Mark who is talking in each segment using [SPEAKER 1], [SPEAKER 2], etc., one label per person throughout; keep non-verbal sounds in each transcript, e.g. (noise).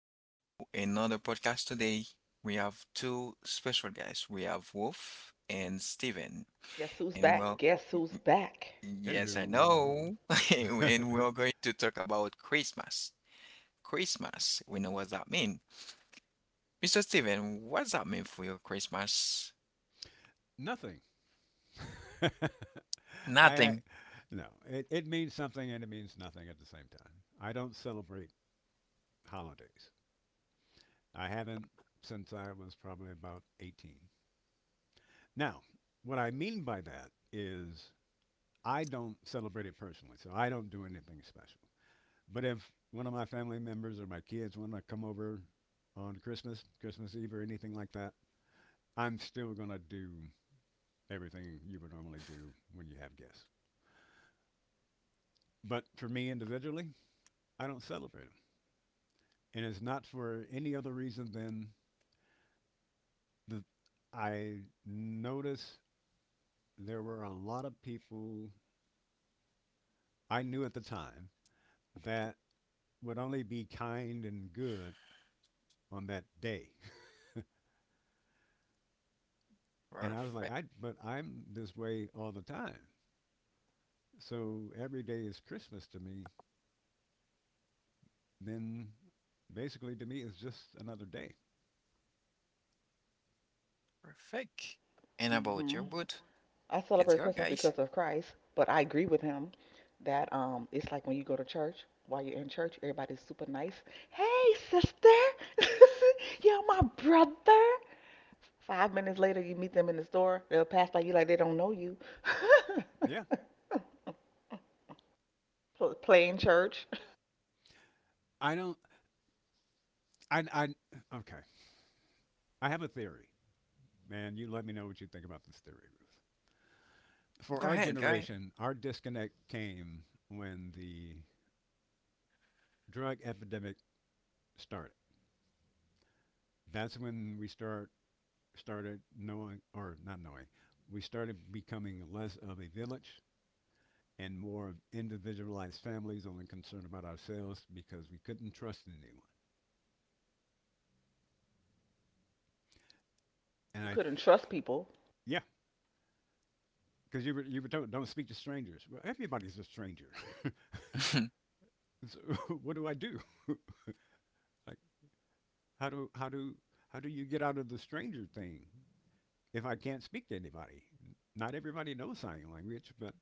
[SPEAKER 1] back to another podcast today. We have two special guests. We have Wolf and Steven.
[SPEAKER 2] Guess who's
[SPEAKER 1] And
[SPEAKER 2] back?
[SPEAKER 1] well,
[SPEAKER 2] Guess who's back?
[SPEAKER 1] yes, I
[SPEAKER 3] Hello.
[SPEAKER 1] know. (laughs)
[SPEAKER 3] (laughs)
[SPEAKER 1] And we're going to talk about Christmas. Christmas. We know what that means. Mr. Steven, what does that mean for your Christmas?
[SPEAKER 3] Nothing. (laughs) I
[SPEAKER 1] Nothing.
[SPEAKER 3] no, It means something and it means nothing at the same time. I don't celebrate holidays. I haven't since I was probably about 18. Now, what I mean by that is I don't celebrate it personally, so I don't do anything special. But if one of my family members or my kids want to come over on Christmas, Christmas Eve or anything like that, I'm still going to do everything you would normally do when you have guests. But for me individually, I don't celebrate them. And it's not for any other reason than the, I noticed there were a lot of people I knew at the time that would only be kind and good on that day. (laughs) And I was like,
[SPEAKER 1] Perfect.
[SPEAKER 3] but I'm this way all the time. So every day is Christmas to me. Then basically to me it's just another day.
[SPEAKER 1] Perfect. And
[SPEAKER 2] Hmm.
[SPEAKER 1] about your wood?
[SPEAKER 2] I celebrate
[SPEAKER 1] Let's go,
[SPEAKER 2] Christmas because
[SPEAKER 1] guys.
[SPEAKER 2] of Christ, but I agree with him that it's like when you go to church. While you're in church, everybody's super nice. Hey, sister, (laughs) you're my brother. 5 minutes later, you meet them in the store. They'll pass by you like they don't know you. (laughs)
[SPEAKER 3] Yeah.
[SPEAKER 2] Playing church,
[SPEAKER 3] I don't, I, okay. I have a theory, and you let me know what you think about this theory, Ruth. For our
[SPEAKER 1] Go ahead, go
[SPEAKER 3] generation, our disconnect came when the drug epidemic started. That's when we start started knowing, or not knowing, we started becoming less of a village and more of individualized families, only concerned about ourselves because we couldn't trust anyone. And I,
[SPEAKER 2] we couldn't
[SPEAKER 3] th-
[SPEAKER 2] trust people.
[SPEAKER 3] yeah, because you were told don't speak to strangers. Well, everybody's a stranger. (laughs)
[SPEAKER 1] ahead.
[SPEAKER 3] So (laughs) what do I do? (laughs) I How do how do how do you get out of the stranger thing if I can't speak to anybody? Not everybody knows sign language, but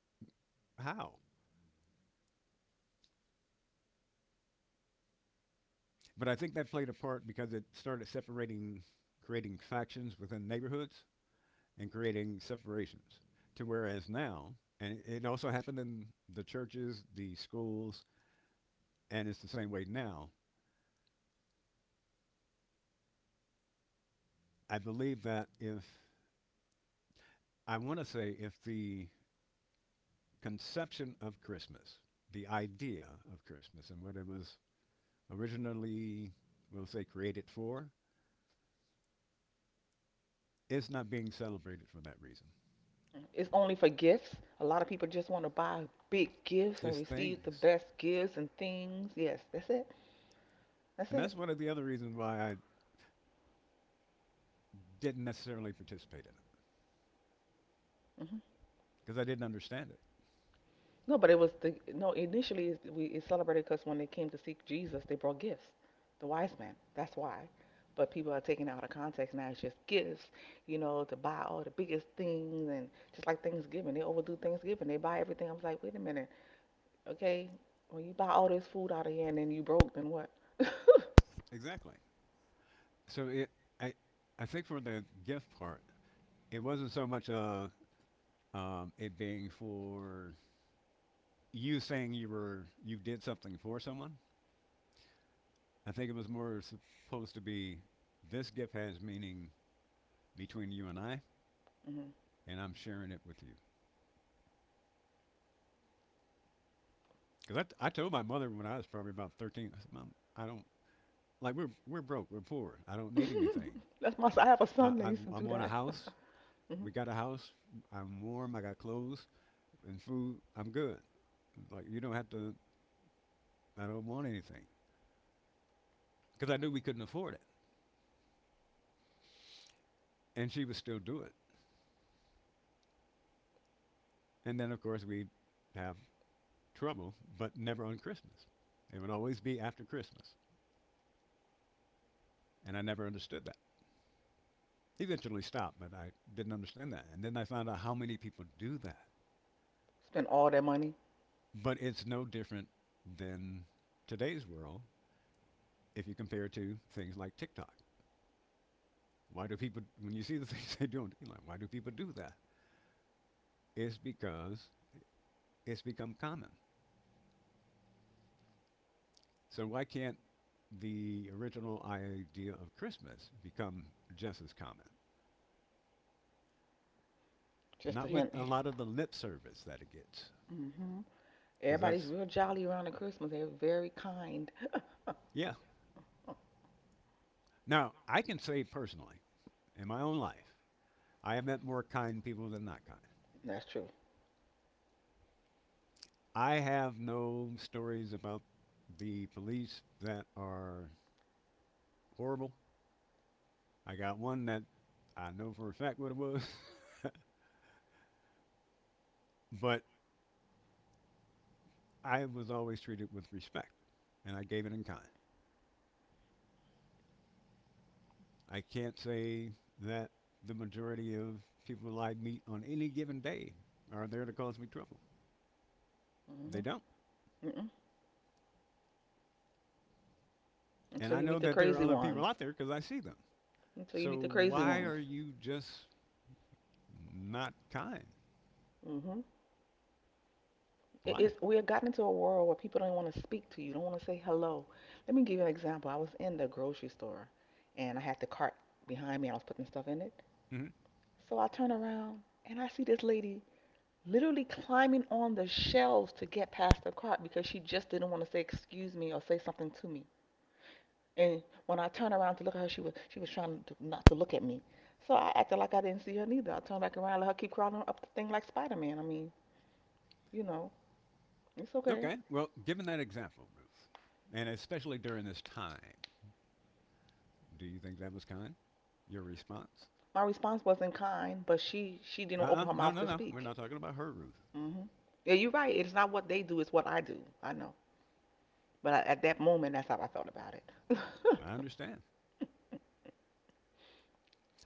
[SPEAKER 3] how? But I think that played a part because it started separating, creating factions within neighborhoods and creating separations. To whereas now, and it also happened in the churches, the schools, and it's the same way now. I believe that if, I want to say, if the conception of Christmas, the idea of Christmas, and what it was originally, we'll say, created for, it's not being celebrated for that reason.
[SPEAKER 2] It's only for gifts. A lot of people just want to buy big gifts and
[SPEAKER 3] It's
[SPEAKER 2] receive the
[SPEAKER 3] things.
[SPEAKER 2] best gifts and things. Yes, that's it. That's
[SPEAKER 3] And
[SPEAKER 2] it.
[SPEAKER 3] that's one of the other reasons why I didn't necessarily participate in it,
[SPEAKER 2] Hmm.
[SPEAKER 3] because I didn't understand it.
[SPEAKER 2] No, but it was the no. Initially, it's- we it celebrated because when they came to seek Jesus, they brought gifts, the wise men. That's why. But people are taking it out of context now. It's just gifts, to buy all the biggest things, and just like Thanksgiving, they overdo Thanksgiving. They buy everything. I was like, wait a minute, okay, when you buy all this food out of here and then you broke, then what? (laughs)
[SPEAKER 3] Exactly. So it, I, I think for the gift part, it wasn't so much it being for you saying you did something for someone. I think it was more supposed to be this gift has meaning between you and I,
[SPEAKER 2] Hmm.
[SPEAKER 3] and I'm sharing it with you. Because I told my mother when I was probably about 13. I said, "Mom, I don't, like, we're broke, we're poor, I don't need anything.
[SPEAKER 2] That's my. I have a son that used to
[SPEAKER 3] I
[SPEAKER 2] do
[SPEAKER 3] want a
[SPEAKER 2] that.
[SPEAKER 3] house,
[SPEAKER 2] Hmm.
[SPEAKER 3] we got a house, I'm warm, I got clothes and food, I'm good. Like, you don't have to, I don't want anything." Because I knew we couldn't afford it. And she would still do it. And then, of course, we'd have trouble, but never on Christmas. It would always be after Christmas. And I never understood that. Eventually stopped, but I didn't understand that. And then I found out how many people do that.
[SPEAKER 2] Spend all their money
[SPEAKER 3] But it's no different than today's world if you compare it to things like TikTok. Why do people, when you see the (laughs) things they do, you're like, why do people do that? It's because it's become common. So why can't the original idea of Christmas become just as common?
[SPEAKER 2] just to
[SPEAKER 3] Not with
[SPEAKER 2] him.
[SPEAKER 3] a lot of the lip service that it gets,
[SPEAKER 2] Hmm.
[SPEAKER 3] because
[SPEAKER 2] Everybody's real jolly around the Christmas. They're very kind.
[SPEAKER 3] yeah. Now, I can say personally, in my own life, I have met more kind people than not kind.
[SPEAKER 2] (laughs) That's true.
[SPEAKER 3] I have no stories about the police that are horrible. I got one that I know for a fact what it was, (laughs) but I was always treated with respect and I gave it in kind. I can't say that the majority of people I meet on any given day are there to cause me trouble.
[SPEAKER 2] Mm-hmm.
[SPEAKER 3] They don't.
[SPEAKER 2] Mm-mm.
[SPEAKER 3] And
[SPEAKER 2] Until
[SPEAKER 3] I
[SPEAKER 2] you
[SPEAKER 3] know
[SPEAKER 2] meet the
[SPEAKER 3] that there are
[SPEAKER 2] crazy
[SPEAKER 3] other people
[SPEAKER 2] ones.
[SPEAKER 3] out there because I see them.
[SPEAKER 2] Until you
[SPEAKER 3] So
[SPEAKER 2] meet the crazy
[SPEAKER 3] why
[SPEAKER 2] ones.
[SPEAKER 3] are you just not kind?
[SPEAKER 2] Mm-hmm. It is,
[SPEAKER 3] Why?
[SPEAKER 2] we have gotten into a world where people don't want to speak to you, don't want to say hello. Let me give you an example. I was in the grocery store and I had the cart behind me and I was putting stuff in it.
[SPEAKER 3] Hmm.
[SPEAKER 2] So I turn around and I see this lady literally climbing on the shelves to get past the cart because she just didn't want to say excuse me or say something to me. And when I turned around to look at her, she was trying to, not to look at me. So I acted like I didn't see her neither. I turned back around, let her keep crawling up the thing like Spider-Man. I mean, you know, it's okay.
[SPEAKER 3] Okay. Well, given that example, Ruth, and especially during this time, do you think that was kind? Your response?
[SPEAKER 2] My response wasn't kind, but she didn't open her
[SPEAKER 3] No,
[SPEAKER 2] mouth
[SPEAKER 3] no,
[SPEAKER 2] to
[SPEAKER 3] no. We're
[SPEAKER 2] speak.
[SPEAKER 3] not talking about her, Ruth.
[SPEAKER 2] Hmm. Yeah, you're right. It's not what they do, it's what I do. I know. But I, at that moment, that's how I felt about it.
[SPEAKER 3] I understand.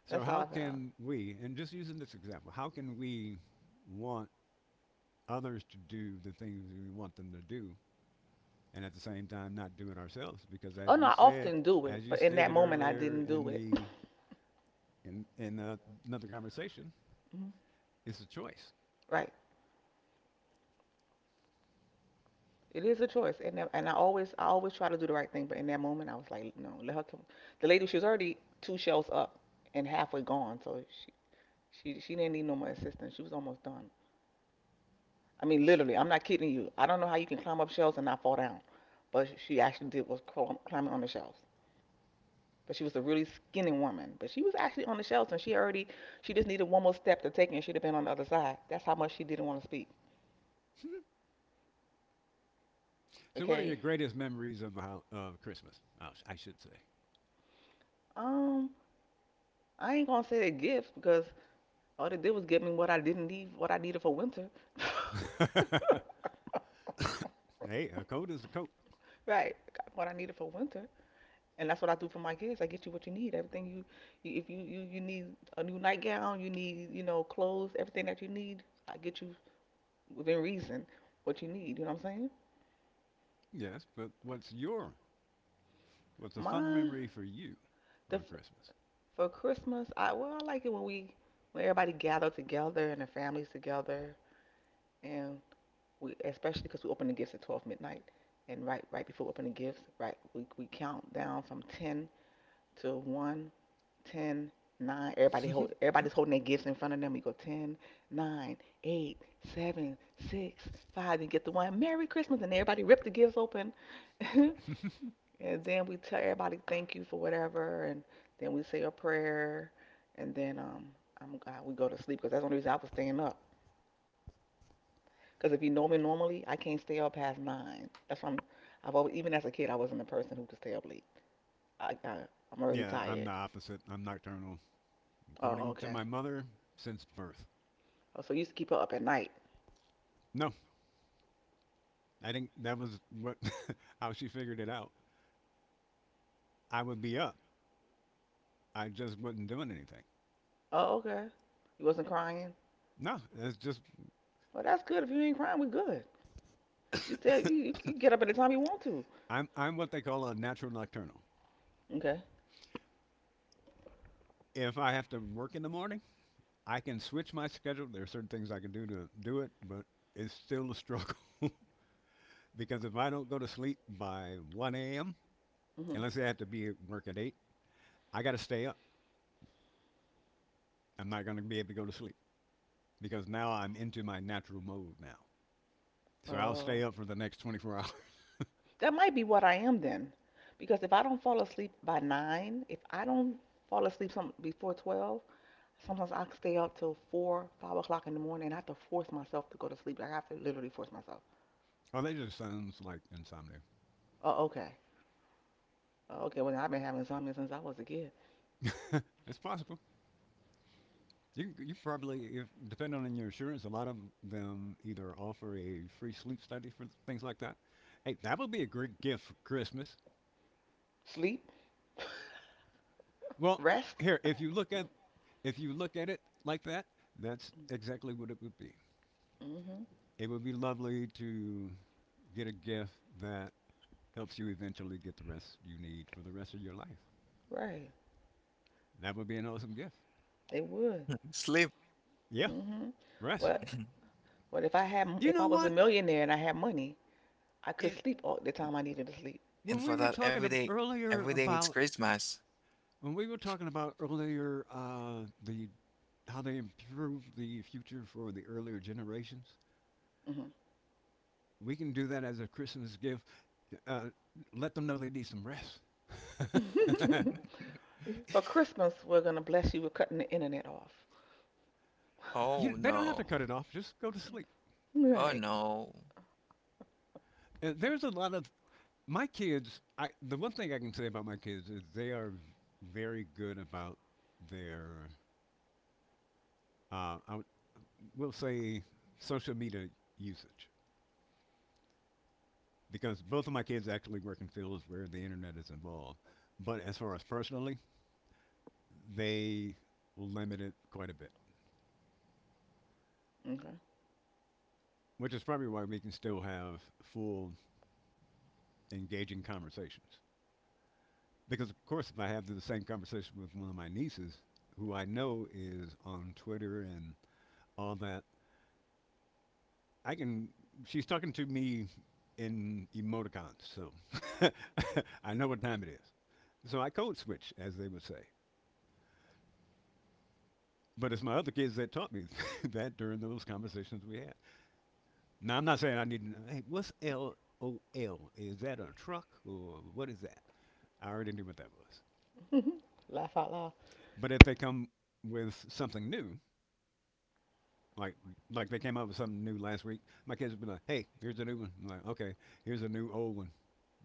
[SPEAKER 2] That's
[SPEAKER 3] So,
[SPEAKER 2] how I
[SPEAKER 3] how
[SPEAKER 2] felt.
[SPEAKER 3] can we, and just using this example, how can we want others to do the things we want them to do and at the same time not do it ourselves? Because,
[SPEAKER 2] Oh
[SPEAKER 3] as
[SPEAKER 2] no,
[SPEAKER 3] you
[SPEAKER 2] I
[SPEAKER 3] said,
[SPEAKER 2] often do it,
[SPEAKER 3] as you
[SPEAKER 2] but in that
[SPEAKER 3] stated
[SPEAKER 2] moment, I
[SPEAKER 3] earlier
[SPEAKER 2] didn't do
[SPEAKER 3] in
[SPEAKER 2] it. (laughs)
[SPEAKER 3] in, in uh, another conversation,
[SPEAKER 2] Mhm.
[SPEAKER 3] it's a choice.
[SPEAKER 2] Right. It is a choice, and that, and I always try to do the right thing, but in that moment I was like, no, let her come. The lady, she was already two shelves up and halfway gone, so she she didn't need no more assistance. She was almost done. I mean, literally, I'm not kidding you. I don't know how you can climb up shelves and not fall down, but she actually did was climbing on the shelves. But she was a really skinny woman, but she was actually on the shelves, and she just needed one more step to take, and she'd have been on the other side. That's how much she didn't want to speak.
[SPEAKER 3] (laughs) So, what are
[SPEAKER 2] Okay,
[SPEAKER 3] your greatest memories of of Christmas? Oh, I should
[SPEAKER 2] um, I ain't gonna say a gift because all they did was give me what I didn't need, what I needed for winter.
[SPEAKER 3] say. (laughs) Hey, a coat is a coat.
[SPEAKER 2] Right. Got what I needed for winter. And that's what I do for my kids. I get you what you need. Everything you, if you need a new nightgown, you need, clothes, everything that you need, I get you within reason what you need. You know what I'm saying?
[SPEAKER 3] Yes, but what's a fun
[SPEAKER 2] Mine,
[SPEAKER 3] memory for you
[SPEAKER 2] the,
[SPEAKER 3] on Christmas?
[SPEAKER 2] for Christmas, well, I like it when when everybody gather together and the families together. And especially because we open the gifts at 12 midnight. And right before we open the gifts, right, we count down from 10 to 1. 10, nine. Everybody's holding their gifts in front of them. You go ten, nine, eight, seven, six, five, 9. You get the one, Merry Christmas. And everybody rip the gifts open. (laughs) And then we tell everybody thank you for whatever. And then we say a prayer. And then we go to sleep because that's the only reason I was staying up. Because if you know me normally, I can't stay up past 9. That's why I've always, even as a kid, I wasn't the person who could stay up late. I, I, I'm
[SPEAKER 3] (laughs)
[SPEAKER 2] already
[SPEAKER 3] Yeah,
[SPEAKER 2] tired.
[SPEAKER 3] I'm the opposite. I'm nocturnal,
[SPEAKER 2] Oh,
[SPEAKER 3] according to
[SPEAKER 2] okay.
[SPEAKER 3] my mother, since birth.
[SPEAKER 2] Oh, so you used to keep her up at night.
[SPEAKER 3] No, I think that was what (laughs) how she figured it out. I would be up. I just wasn't doing anything.
[SPEAKER 2] Oh, okay. You wasn't crying.
[SPEAKER 3] No, that's just
[SPEAKER 2] Well, that's good. If you ain't crying, we good. You said you, you,
[SPEAKER 3] (laughs)
[SPEAKER 2] you get up anytime you want to.
[SPEAKER 3] I'm what they call a natural nocturnal.
[SPEAKER 2] Okay.
[SPEAKER 3] If I have to work in the morning. I can switch my schedule. There are certain things I can do to do it, but it's still a struggle (laughs) because if I don't go to sleep by 1 a.m.,
[SPEAKER 2] Mhm.
[SPEAKER 3] and let's say I have to be at work at 8, I got to stay up. I'm not going to be able to go to sleep because now I'm into my natural mode now. So I'll
[SPEAKER 2] Oh,
[SPEAKER 3] stay up for the next 24 hours.
[SPEAKER 2] that might be what I am then, because if I don't fall asleep by nine, if I don't fall asleep some before 12, sometimes I stay up till four, 5 o'clock in the morning. And I have to force myself to go to sleep. Like I have to literally force myself.
[SPEAKER 3] (laughs) Oh, that just sounds like insomnia.
[SPEAKER 2] Oh, okay. Oh, okay. Well, I've been having insomnia since I was a kid.
[SPEAKER 3] (laughs) It's possible. You probably, if depending on your insurance, a lot of them either offer a free sleep study for things like that. Hey, that would be a great gift for Christmas.
[SPEAKER 2] Sleep,
[SPEAKER 3] Well,
[SPEAKER 2] rest.
[SPEAKER 3] here, if you look at if you look at it like that, that's exactly what it would be.
[SPEAKER 2] Mhm.
[SPEAKER 3] It would be lovely to get a gift that helps you eventually get the rest you need for the rest of your life.
[SPEAKER 2] Right.
[SPEAKER 3] That would be an awesome gift.
[SPEAKER 2] It would.
[SPEAKER 1] (laughs) Sleep.
[SPEAKER 3] Yeah,
[SPEAKER 2] Mhm. Well,
[SPEAKER 3] rest.
[SPEAKER 1] (laughs)
[SPEAKER 2] but if if
[SPEAKER 3] You
[SPEAKER 2] I
[SPEAKER 3] know
[SPEAKER 2] was a
[SPEAKER 3] what?
[SPEAKER 2] millionaire and I had money, I could
[SPEAKER 3] It,
[SPEAKER 2] sleep all the time I needed to sleep.
[SPEAKER 3] when
[SPEAKER 1] And
[SPEAKER 3] we
[SPEAKER 1] for
[SPEAKER 3] were
[SPEAKER 1] that,
[SPEAKER 3] talking earlier
[SPEAKER 1] every day it's
[SPEAKER 3] about
[SPEAKER 1] Christmas.
[SPEAKER 3] when we were talking about earlier the how they improve the future for the earlier generations,
[SPEAKER 2] Hmm.
[SPEAKER 3] we can do that as a Christmas gift uh, let them know they need some rest. (laughs)
[SPEAKER 2] (laughs) For Christmas, we're gonna bless you with cutting the internet off.
[SPEAKER 3] You,
[SPEAKER 1] Oh
[SPEAKER 3] they don't have to cut
[SPEAKER 1] no.
[SPEAKER 3] it off. Just go to sleep.
[SPEAKER 2] Right.
[SPEAKER 1] Oh no.
[SPEAKER 3] There's a lot of my kids. I the one thing I can say about my kids is they are very good about their. Uh, I will say social media usage because both of my kids actually work in fields where the internet is involved. But as far as personally, they limit it quite a bit,
[SPEAKER 2] Okay.
[SPEAKER 3] which is probably why we can still have full engaging conversations. Because, of course, if I have the same conversation with one of my nieces, who I know is on Twitter and all that, I can. She's talking to me in emoticons, so (laughs) I know what time it is. So I code switch, as they would say. But it's my other kids that taught me (laughs) that during those conversations we had. Now, I'm not saying I need to know, hey, what's LOL? Is that a truck or what is that? I already knew what that was.
[SPEAKER 2] (laughs) Laugh out loud.
[SPEAKER 3] But if they come with something new, Like like they came up with something new last week. My kids would be like, "Hey, here's a new one." I'm like, "Okay, here's a new old one,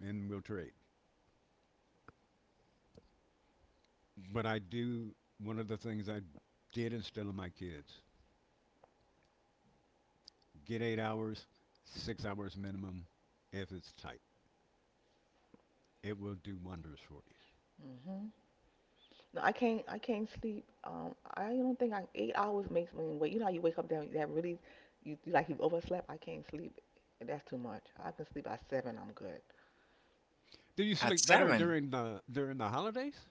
[SPEAKER 3] and we'll trade." But I do one of the things I did instill in my kids: get 8 hours, 6 hours minimum, if it's tight. It will do wonders for you.
[SPEAKER 2] Hmm. No, I can't. I can't sleep. I don't think I 8 hours makes me wait. You know how you wake up, that really, you like you overslept. I can't sleep. That's too much. I can sleep by seven. I'm good.
[SPEAKER 3] Do you
[SPEAKER 1] At
[SPEAKER 3] sleep better
[SPEAKER 1] seven.
[SPEAKER 3] during the holidays,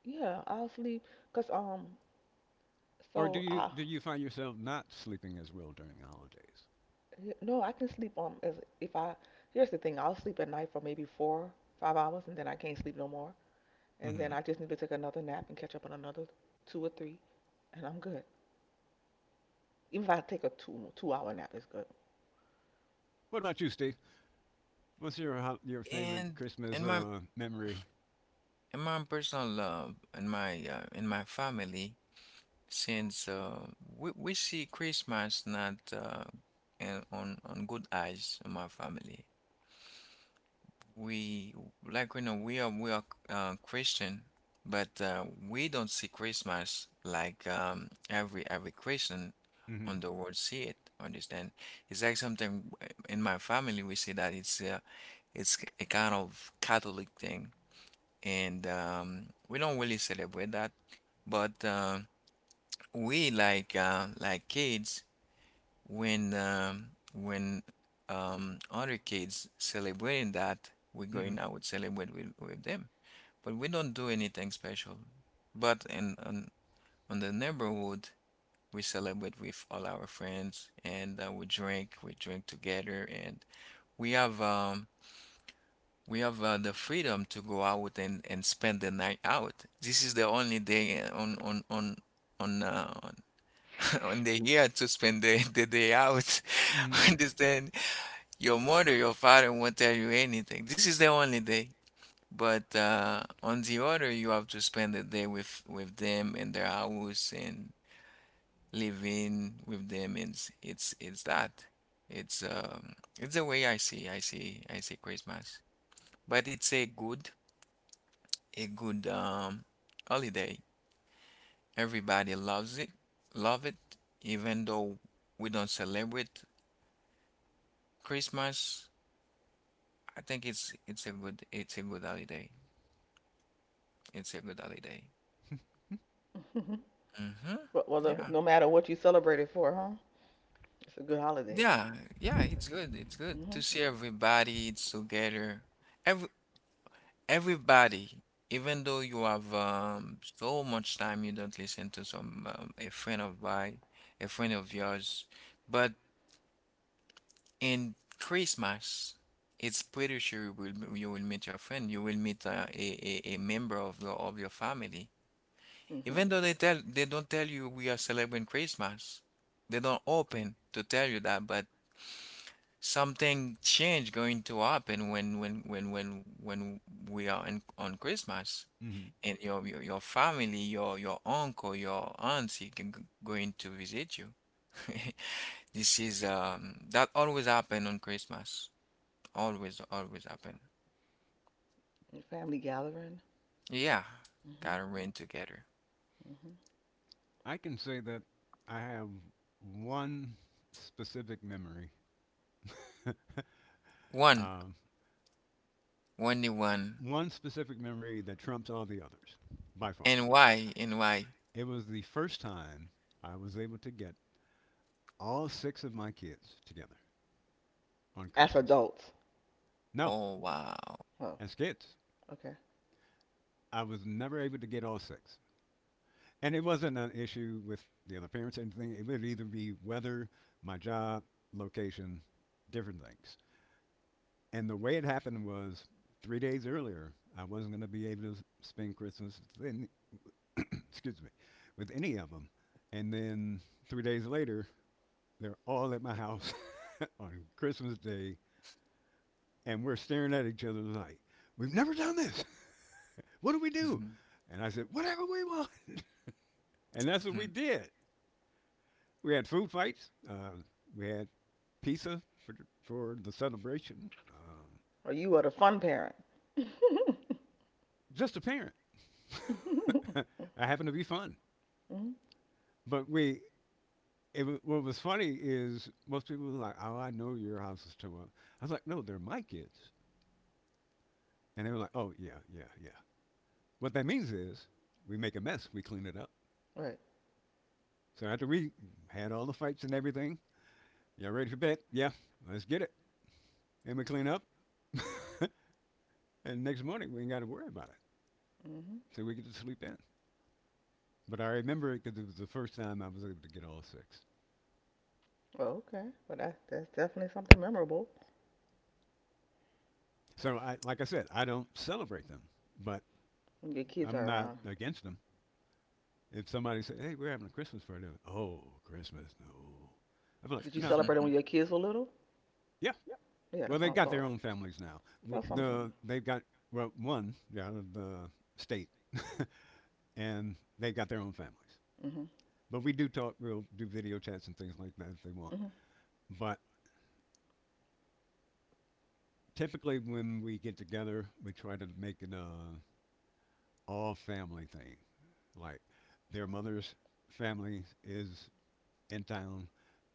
[SPEAKER 2] Yeah, I'll sleep. Cause
[SPEAKER 3] or
[SPEAKER 2] so I.
[SPEAKER 3] do you find yourself not sleeping as well during the holidays?
[SPEAKER 2] No, I can sleep on as if I here's the thing, I'll sleep at night for maybe four, 5 hours and then I can't sleep no more. And then
[SPEAKER 3] Mm-hmm.
[SPEAKER 2] I just need to take another nap and catch up on another two or three and I'm good. Even if I take a two hour nap, it's good.
[SPEAKER 3] What about you, Steve? What's your your favorite
[SPEAKER 1] And
[SPEAKER 3] Christmas
[SPEAKER 1] in my
[SPEAKER 3] memory?
[SPEAKER 1] in my personal love in my in my family since we see Christmas not and on good eyes in my family. We like, you know, we are Christian, but we don't see Christmas like every Christian
[SPEAKER 3] Mm-hmm.
[SPEAKER 1] on the world see it. Understand? It's like something, in my family we say that it's a kind of Catholic thing, and we don't really celebrate that. But we like kids when other kids celebrating that, we're going
[SPEAKER 3] Mm-hmm.
[SPEAKER 1] out celebrate with them. But we don't do anything special. But in on the neighborhood, we celebrate with all our friends, and we drink together, and we have um, we have the freedom to go out and spend the night out. This is the only day, on on (laughs) on the year to spend the day out.
[SPEAKER 3] Mm-hmm.
[SPEAKER 1] (laughs) Understand? Your mother, your father won't tell you anything. This is the only day. But on the other, you have to spend the day with them in their house and living with them. And it's it's that. It's um it's the way I see I see Christmas. But it's a good a good holiday. Everybody loves it, love it, even though we don't celebrate Christmas. I think it's a good holiday. It's a good holiday. hmm
[SPEAKER 2] (laughs) But well,
[SPEAKER 1] Yeah.
[SPEAKER 2] no matter what you celebrate it for, huh? It's a good holiday.
[SPEAKER 1] Yeah. Yeah, it's good. It's good to
[SPEAKER 2] Mhm.
[SPEAKER 1] see everybody. It's together. Every everybody, even though you have so much time you don't listen to some a friend of mine, a friend of yours, but in Christmas, it's pretty sure you will meet your friend. You will meet a, a member of your family. Even
[SPEAKER 2] Mhm.
[SPEAKER 1] though they tell they don't tell you we are celebrating Christmas. They don't open to tell you that, but something change going to happen when we are in, on Christmas
[SPEAKER 3] Mhm.
[SPEAKER 1] and your family, your uncle, your auntie can g- going to visit you. (laughs) This is that always happen on Christmas. Always, always happen.
[SPEAKER 2] And family gathering.
[SPEAKER 1] Yeah,
[SPEAKER 2] Mhm.
[SPEAKER 1] gotta rain together.
[SPEAKER 2] Mhm.
[SPEAKER 3] I can say that I have one specific memory, (laughs)
[SPEAKER 1] One,
[SPEAKER 3] um,
[SPEAKER 1] only one.
[SPEAKER 3] one specific memory that trumps all the others by far.
[SPEAKER 1] And why? And why?
[SPEAKER 3] It was the first time I was able to get all six of my kids together on
[SPEAKER 2] As
[SPEAKER 3] Christmas.
[SPEAKER 2] adults.
[SPEAKER 3] No,
[SPEAKER 1] Oh wow.
[SPEAKER 2] Oh,
[SPEAKER 3] as kids,
[SPEAKER 2] okay.
[SPEAKER 3] I was never able to get all six. And it wasn't an issue with the other parents or anything. It would either be weather, my job, location, different things. And the way it happened was 3 days earlier, I wasn't going to be able to spend Christmas with (coughs) excuse me, with any of them. And then 3 days later, they're all at my house (laughs) on Christmas Day, and we're staring at each other like, "We've never done this. What do we do?"
[SPEAKER 1] Mhm,
[SPEAKER 3] And I said, "Whatever we want." And that's what we
[SPEAKER 1] mhm,
[SPEAKER 3] did. We had food fights. We had pizza for the celebration.
[SPEAKER 2] Or you are the fun parent. (laughs)
[SPEAKER 3] Just a parent.
[SPEAKER 2] Mhm.
[SPEAKER 3] (laughs) I happened to be fun. But we, it, wa- what was funny is most people were like, "Oh, I know your house is too old." I was like, "No, they're my kids," and they were like, "Oh, yeah, yeah, yeah." What that means is we make a mess, we clean it up.
[SPEAKER 2] Right.
[SPEAKER 3] So after we had all the fights and everything, y'all ready for bed? Yeah, let's get it. And we clean up, (laughs) and next morning we ain't got to worry about it,
[SPEAKER 2] Mhm.
[SPEAKER 3] so we get to sleep in. But I remember it because it was the first time I was able to get all six.
[SPEAKER 2] Oh, okay. Well, that's definitely something memorable
[SPEAKER 3] So I, like I said, I don't celebrate them, but
[SPEAKER 2] when your kids
[SPEAKER 3] I'm
[SPEAKER 2] are
[SPEAKER 3] not
[SPEAKER 2] around.
[SPEAKER 3] against them. If somebody said, "Hey, we're having a Christmas party," I'm like, oh, Christmas, no. I'm like,
[SPEAKER 2] Did you
[SPEAKER 3] no,
[SPEAKER 2] celebrate it
[SPEAKER 1] mhm.
[SPEAKER 2] when your kids were little?
[SPEAKER 3] yeah.
[SPEAKER 2] Yeah,
[SPEAKER 3] Well,
[SPEAKER 2] that's
[SPEAKER 3] they
[SPEAKER 2] what I
[SPEAKER 3] got their
[SPEAKER 2] thought.
[SPEAKER 3] own families now. W-
[SPEAKER 2] That's
[SPEAKER 3] The
[SPEAKER 2] something.
[SPEAKER 3] they've got, well, one, yeah, out of the state, (laughs) and they've got their own families.
[SPEAKER 2] Mhm.
[SPEAKER 3] But we do talk. We'll do video chats and things like that if they want.
[SPEAKER 2] Mhm.
[SPEAKER 3] But typically, when we get together, we try to make it a all family thing. Like their mother's family is in town,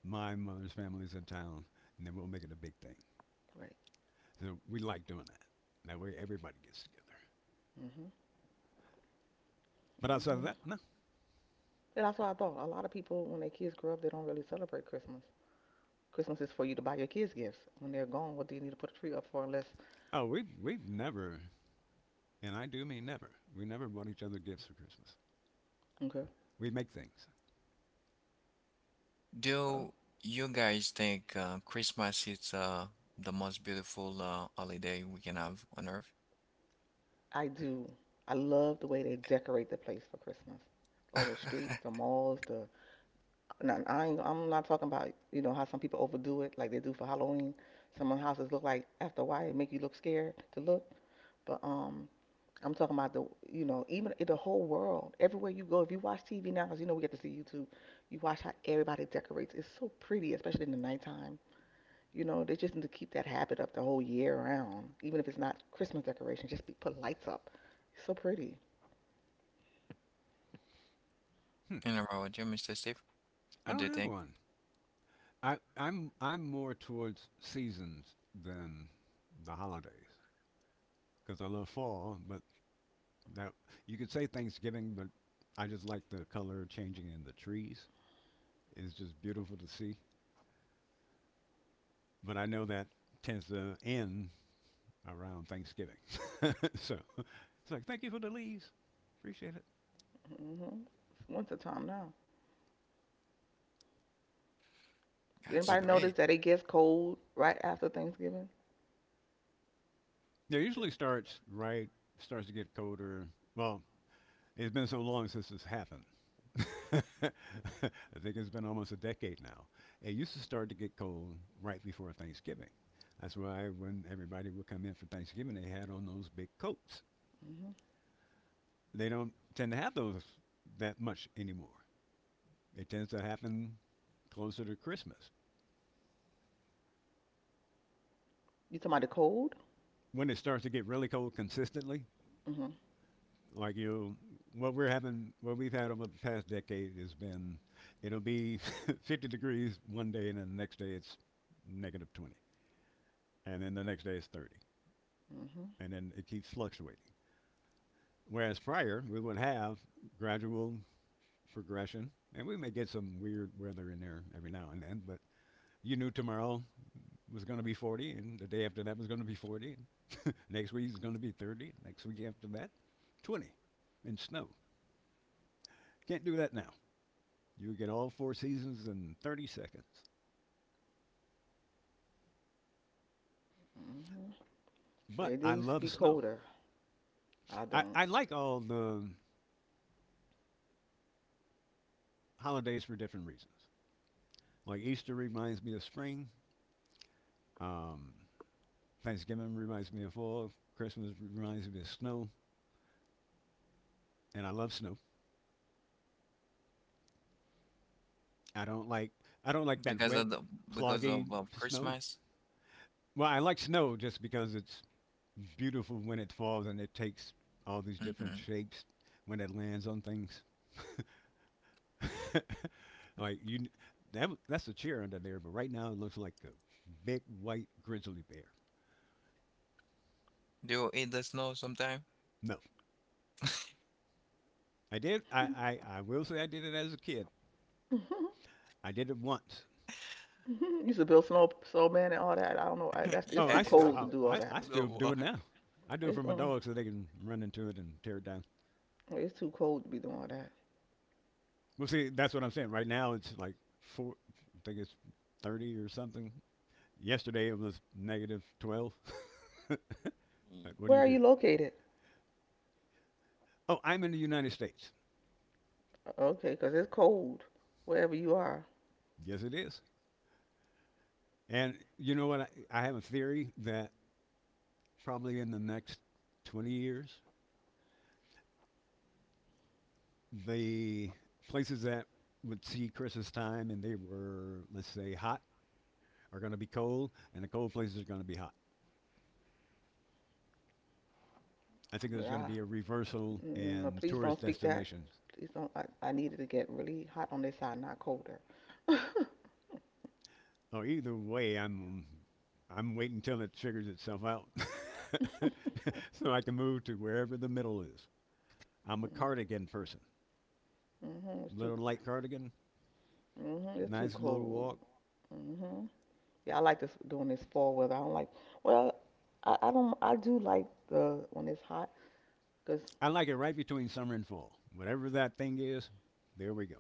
[SPEAKER 3] my mother's family is in town, and then we'll make it a big thing.
[SPEAKER 2] Right.
[SPEAKER 3] So we like doing that. That way everybody gets together.
[SPEAKER 2] Mhm.
[SPEAKER 3] But outside of
[SPEAKER 2] Mhm.
[SPEAKER 3] that, no.
[SPEAKER 2] Yeah, that's what I thought. A lot of people, when their kids grow up, they don't really celebrate Christmas. Christmas is for you to buy your kids gifts. When they're gone, what do you need to put a tree up for? Unless,
[SPEAKER 3] Oh, we've never, and I do mean never. We never bought each other gifts for Christmas.
[SPEAKER 2] okay.
[SPEAKER 3] We make things.
[SPEAKER 2] Oh,
[SPEAKER 1] Do you guys think Christmas is the most beautiful holiday we can have on Earth?
[SPEAKER 2] I do. I love the way they decorate the place for Christmas. All the streets, the
[SPEAKER 1] (laughs)
[SPEAKER 2] malls, the no, I'm not talking about, how some people overdo it like they do for Halloween. Some of the houses look like after a while it make you look scared to look. But I'm talking about even in the whole world, everywhere you go, if you watch TV now, 'cause you know we get to see YouTube, you watch how everybody decorates. It's so pretty, especially in the nighttime. You know, they just need to keep that habit up the whole year round, even if it's not Christmas decoration. Put lights up. It's so pretty.
[SPEAKER 3] Hmm.
[SPEAKER 1] In a row, you, Mr. Steve?
[SPEAKER 3] I
[SPEAKER 1] What do
[SPEAKER 3] don't
[SPEAKER 1] you
[SPEAKER 3] have
[SPEAKER 1] think?
[SPEAKER 3] one. I'm more towards seasons than the holidays because I love fall. But that you could say Thanksgiving, but I just like the color changing in the trees. It's just beautiful to see. But I know that tends to end around Thanksgiving. (laughs) So it's like, thank you for the leaves. Appreciate it.
[SPEAKER 2] Hmm. It's winter time now.
[SPEAKER 1] That's
[SPEAKER 3] But th-
[SPEAKER 2] Anybody
[SPEAKER 1] great.
[SPEAKER 2] notice that it gets cold right after Thanksgiving?
[SPEAKER 3] yeah, it usually starts right, starts to get colder. Well, it's been so long since this happened. (laughs) I think it's been almost a decade now. It used to start to get cold right before Thanksgiving. That's why when everybody would come in for Thanksgiving, they had on those big coats.
[SPEAKER 2] Mm-hmm.
[SPEAKER 3] They don't tend to have those that much anymore. It tends to happen closer to Christmas.
[SPEAKER 2] You talking about the cold?
[SPEAKER 3] When it starts to get really cold consistently,
[SPEAKER 2] Mm-hmm.
[SPEAKER 3] like you what we're having what we've had over the past decade has been it'll be (laughs) 50 degrees one day, and then the next day it's negative 20, and then the next day it's 30,
[SPEAKER 2] Mm-hmm.
[SPEAKER 3] and then it keeps fluctuating, whereas prior we would have gradual progression, and we may get some weird weather in there every now and then. But you knew tomorrow was going to be 40, and the day after that was going to be 40, and next week is going to be 30, next week after that 20, and snow. Can't do that now. You get all four seasons in 30 seconds.
[SPEAKER 2] Mm-hmm.
[SPEAKER 3] But
[SPEAKER 2] Yeah, they
[SPEAKER 3] I
[SPEAKER 2] used to be
[SPEAKER 3] love snow.
[SPEAKER 2] colder. I
[SPEAKER 3] I,
[SPEAKER 2] don't.
[SPEAKER 3] I like all the holidays for different reasons. Like Easter reminds me of spring. Um, Thanksgiving reminds me of fall. Christmas reminds me of snow, and I love snow. I don't like I don't like that
[SPEAKER 1] Because
[SPEAKER 3] wet,
[SPEAKER 1] of the because
[SPEAKER 3] cloggy
[SPEAKER 1] of
[SPEAKER 3] snow.
[SPEAKER 1] Christmas?
[SPEAKER 3] Well, I like snow just because it's beautiful when it falls and it takes all these different
[SPEAKER 1] hmm
[SPEAKER 3] shapes when it lands on things. (laughs) Like you, that that's a chair under there, but right now it looks like a big white grizzly bear.
[SPEAKER 1] Do you eat the snow sometime?
[SPEAKER 3] No, I did. I will say I did it as a kid. I did it once.
[SPEAKER 2] (laughs) Used to build
[SPEAKER 1] Well,
[SPEAKER 2] snowman and all that. I don't know. I,
[SPEAKER 1] (laughs)
[SPEAKER 2] that's it's
[SPEAKER 3] Oh,
[SPEAKER 2] too
[SPEAKER 3] I still
[SPEAKER 1] yes,
[SPEAKER 2] cold to do all
[SPEAKER 3] I, I
[SPEAKER 2] that.
[SPEAKER 3] I
[SPEAKER 1] (laughs) the
[SPEAKER 3] still do
[SPEAKER 1] one.
[SPEAKER 3] it now. I do it
[SPEAKER 2] It's
[SPEAKER 3] for my
[SPEAKER 2] mm,
[SPEAKER 3] dogs so they can run into it and tear it down.
[SPEAKER 2] it's too cold to be doing all that.
[SPEAKER 3] Well, see, that's what I'm saying. Right now it's like four. I think it's 30 or something. Yesterday it was negative 12. (laughs) Like, what do
[SPEAKER 2] Where
[SPEAKER 3] you
[SPEAKER 2] are you
[SPEAKER 3] do?
[SPEAKER 2] located?
[SPEAKER 3] Oh, I'm in the United States.
[SPEAKER 2] Okay, 'cause it's cold wherever you are.
[SPEAKER 3] Yes, it is. And you know what? I have a theory that probably in the next 20 years, the places that would see Chris's time and they were, let's say, hot, are going to be cold, and the cold places are going to be hot. I think there's going to
[SPEAKER 2] Yeah.
[SPEAKER 3] be a reversal
[SPEAKER 2] Mm, no,
[SPEAKER 3] in
[SPEAKER 2] please don't
[SPEAKER 3] tourist
[SPEAKER 2] speak that.
[SPEAKER 3] destinations.
[SPEAKER 2] Please don't. I need to get really hot on this side, not colder.
[SPEAKER 3] Oh, either way, I'm waiting until it figures itself out, (laughs) so I can move to wherever the middle is. I'm a cardigan person.
[SPEAKER 2] Mm-hmm. It's too.
[SPEAKER 3] Little light cardigan,
[SPEAKER 2] Mm-hmm. It's too
[SPEAKER 3] nice little
[SPEAKER 2] cold.
[SPEAKER 3] walk.
[SPEAKER 2] Mm-hmm. Yeah, I like this doing this fall weather. I don't like. Well, I don't. I do like the when it's hot, cause
[SPEAKER 3] I like it right between summer and fall. Whatever that thing is, there we go.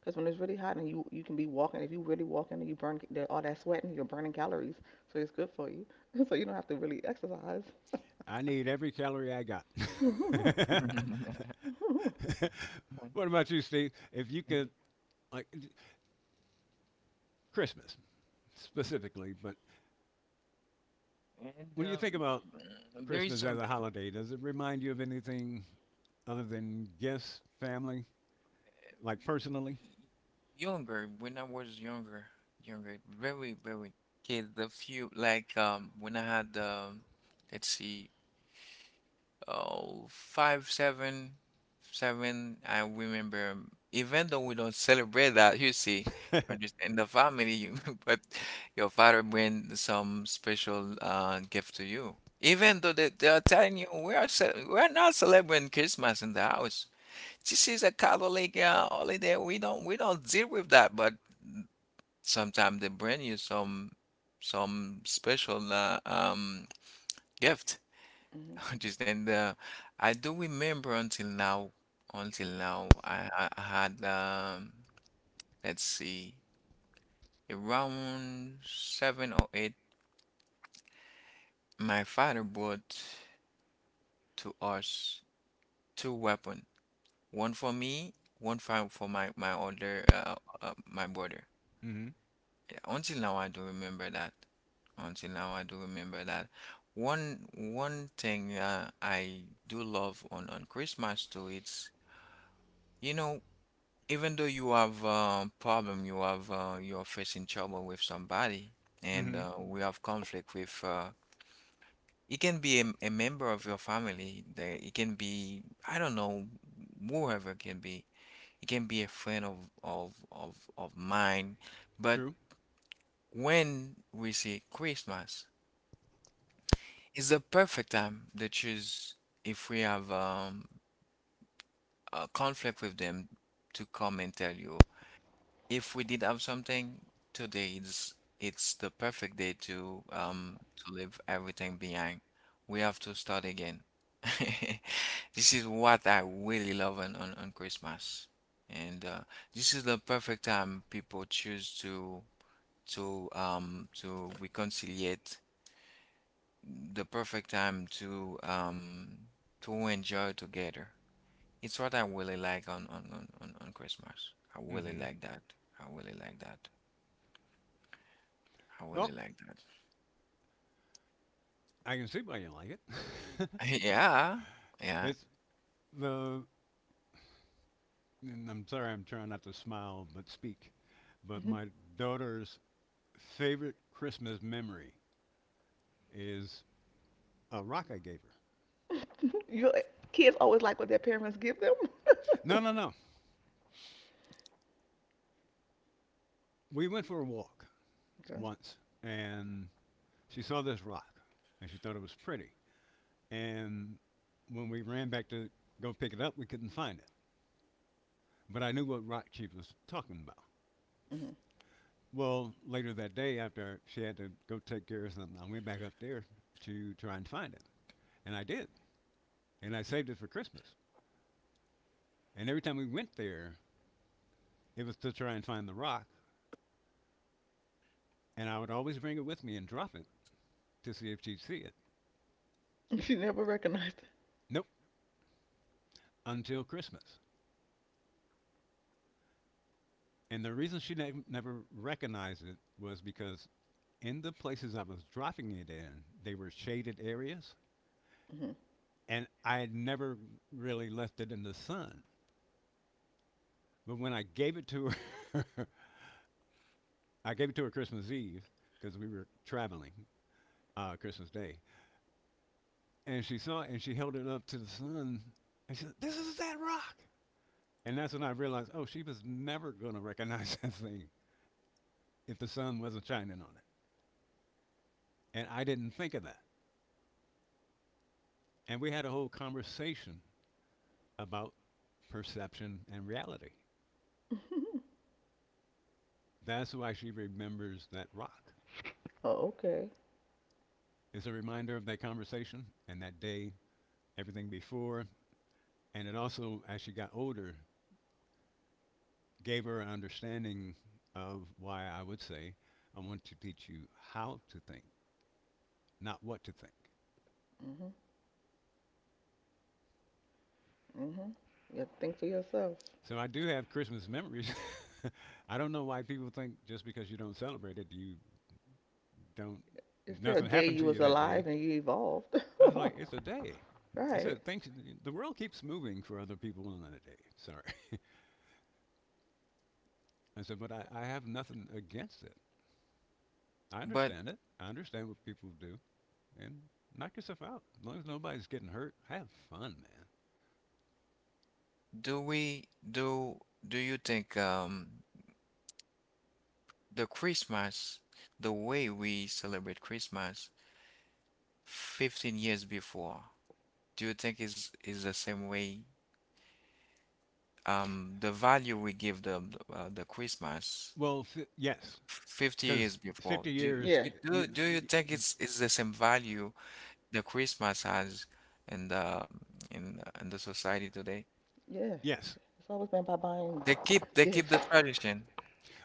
[SPEAKER 2] 'cause when it's really hot and you can be walking. If you really walking and you burn all that sweating, you're burning calories, so it's good for you. (laughs) So you don't have to really exercise.
[SPEAKER 3] I need every calorie I got.
[SPEAKER 2] (laughs) Hmm.
[SPEAKER 3] (laughs)
[SPEAKER 1] (laughs)
[SPEAKER 3] What
[SPEAKER 1] (laughs)
[SPEAKER 3] about you, Steve? If you could, like Christmas specifically, but
[SPEAKER 1] And
[SPEAKER 3] when you think about
[SPEAKER 1] there is
[SPEAKER 3] Christmas as a
[SPEAKER 1] something.
[SPEAKER 3] holiday, does it remind you of anything other than guests, family, like personally?
[SPEAKER 1] Younger when I was younger, younger, very, very kid. The few like when I had let's see, oh five, seven, seven. I remember, even though we don't celebrate that, you see, you
[SPEAKER 3] (laughs)
[SPEAKER 1] understand the family, you, (laughs) but your father bring some special gift to you. Even though they are telling you we are ce- we are not celebrating Christmas in the house. This is a Catholic holiday. We don't deal with that, but sometimes they bring you some special gift. (laughs) Understand? I do remember until now, I had let's see, around seven or eight. My father bought to us two weapon, one for me, one for my my older my brother.
[SPEAKER 3] Mm-hmm.
[SPEAKER 1] Until now, I do remember that. Until now, I do remember that. One one thing I do love on Christmas too, it's you know, even though you have a problem, you have you're facing trouble with somebody, and
[SPEAKER 3] Mm-hmm.
[SPEAKER 1] we have conflict with. It can be a member of your family. The, it can be I don't know, whoever it can be. It can be a friend of mine, but
[SPEAKER 3] True.
[SPEAKER 1] when we say Christmas. It's the perfect time they choose if we have a conflict with them to come and tell you if we did have something today it's the perfect day to leave everything behind we have to start again. (laughs) This is what I really love on Christmas and this is the perfect time people choose to reconcile the perfect time to enjoy together. It's what I really like on Christmas. I really
[SPEAKER 3] Mm-hmm.
[SPEAKER 1] like that. I really like that. I
[SPEAKER 3] Well,
[SPEAKER 1] really like that.
[SPEAKER 3] I can see why you like it.
[SPEAKER 1] (laughs) Yeah,
[SPEAKER 3] (laughs)
[SPEAKER 1] yeah.
[SPEAKER 3] it's the and I'm sorry I'm trying not to smile but speak, but my daughter's favorite Christmas memory is a rock I gave her.
[SPEAKER 2] Your kids always like what their parents give them.
[SPEAKER 3] No, no, no. We went for a walk
[SPEAKER 2] Okay.
[SPEAKER 3] once and she saw this rock and she thought it was pretty. And when we ran back to go pick it up, we couldn't find it. But I knew what rock she was talking about.
[SPEAKER 2] Hmm.
[SPEAKER 3] Well, later that day, after she had to go take care of something, I went back up there to try and find it. And I did. And I saved it for Christmas. And every time we went there, it was to try and find the rock, and I would always bring it with me and drop it to see if she'd see it.
[SPEAKER 2] (laughs) She never recognized
[SPEAKER 3] Nope, until Christmas. And the reason she never recognized it was because in the places I was dropping it in, they were shaded areas,
[SPEAKER 2] it. Hmm.
[SPEAKER 3] and I had never really left it in the sun. But when I gave it to her, (laughs) I gave it to her Christmas Eve because we were traveling Christmas Day, and she saw it and she held it up to the sun and she said, "This is that rock." And that's when I realized, oh, she was never going to recognize (laughs) that thing if the sun wasn't shining on it. And I didn't think of that. And we had a whole conversation about perception and reality. That's why she remembers that rock.
[SPEAKER 2] Oh, okay.
[SPEAKER 3] It's a reminder of that conversation and that day, everything before. And it also, as she got older, gave her an understanding of why I would say, I want to teach you how to think, not what to think.
[SPEAKER 2] Mhm. Mhm. Yeah, think for yourself.
[SPEAKER 3] So I do have Christmas memories. (laughs) I don't know why people think just because you don't celebrate it, you don't.
[SPEAKER 2] It's still a
[SPEAKER 3] Nothing
[SPEAKER 2] day
[SPEAKER 3] happened
[SPEAKER 2] you
[SPEAKER 3] to
[SPEAKER 2] was
[SPEAKER 3] you that
[SPEAKER 2] alive
[SPEAKER 3] day.
[SPEAKER 2] and you evolved.
[SPEAKER 3] I was like, it's a day.
[SPEAKER 2] (laughs)
[SPEAKER 3] I
[SPEAKER 2] Right.
[SPEAKER 3] said, things the world keeps moving for other people on a day. Sorry. (laughs) I said, but I have nothing against it. I
[SPEAKER 1] But
[SPEAKER 3] understand it. I understand what people do, and knock yourself out. As long as nobody's getting hurt, have fun, man.
[SPEAKER 1] do we do do you think the Christmas, the way we celebrate Christmas 15 years before, do you think is the same way? The value we give the Christmas
[SPEAKER 3] Well, yes,
[SPEAKER 1] 50 years
[SPEAKER 3] because
[SPEAKER 1] before.
[SPEAKER 3] fifty
[SPEAKER 1] Do
[SPEAKER 3] years,
[SPEAKER 2] Yeah.
[SPEAKER 1] do do
[SPEAKER 3] you,
[SPEAKER 1] do you
[SPEAKER 3] y-
[SPEAKER 1] think it's the same value that Christmas has in the in the- in the society today?
[SPEAKER 2] Yeah,
[SPEAKER 3] yes.
[SPEAKER 2] it's always been by buying
[SPEAKER 1] They keep
[SPEAKER 2] gifts.
[SPEAKER 1] the tradition.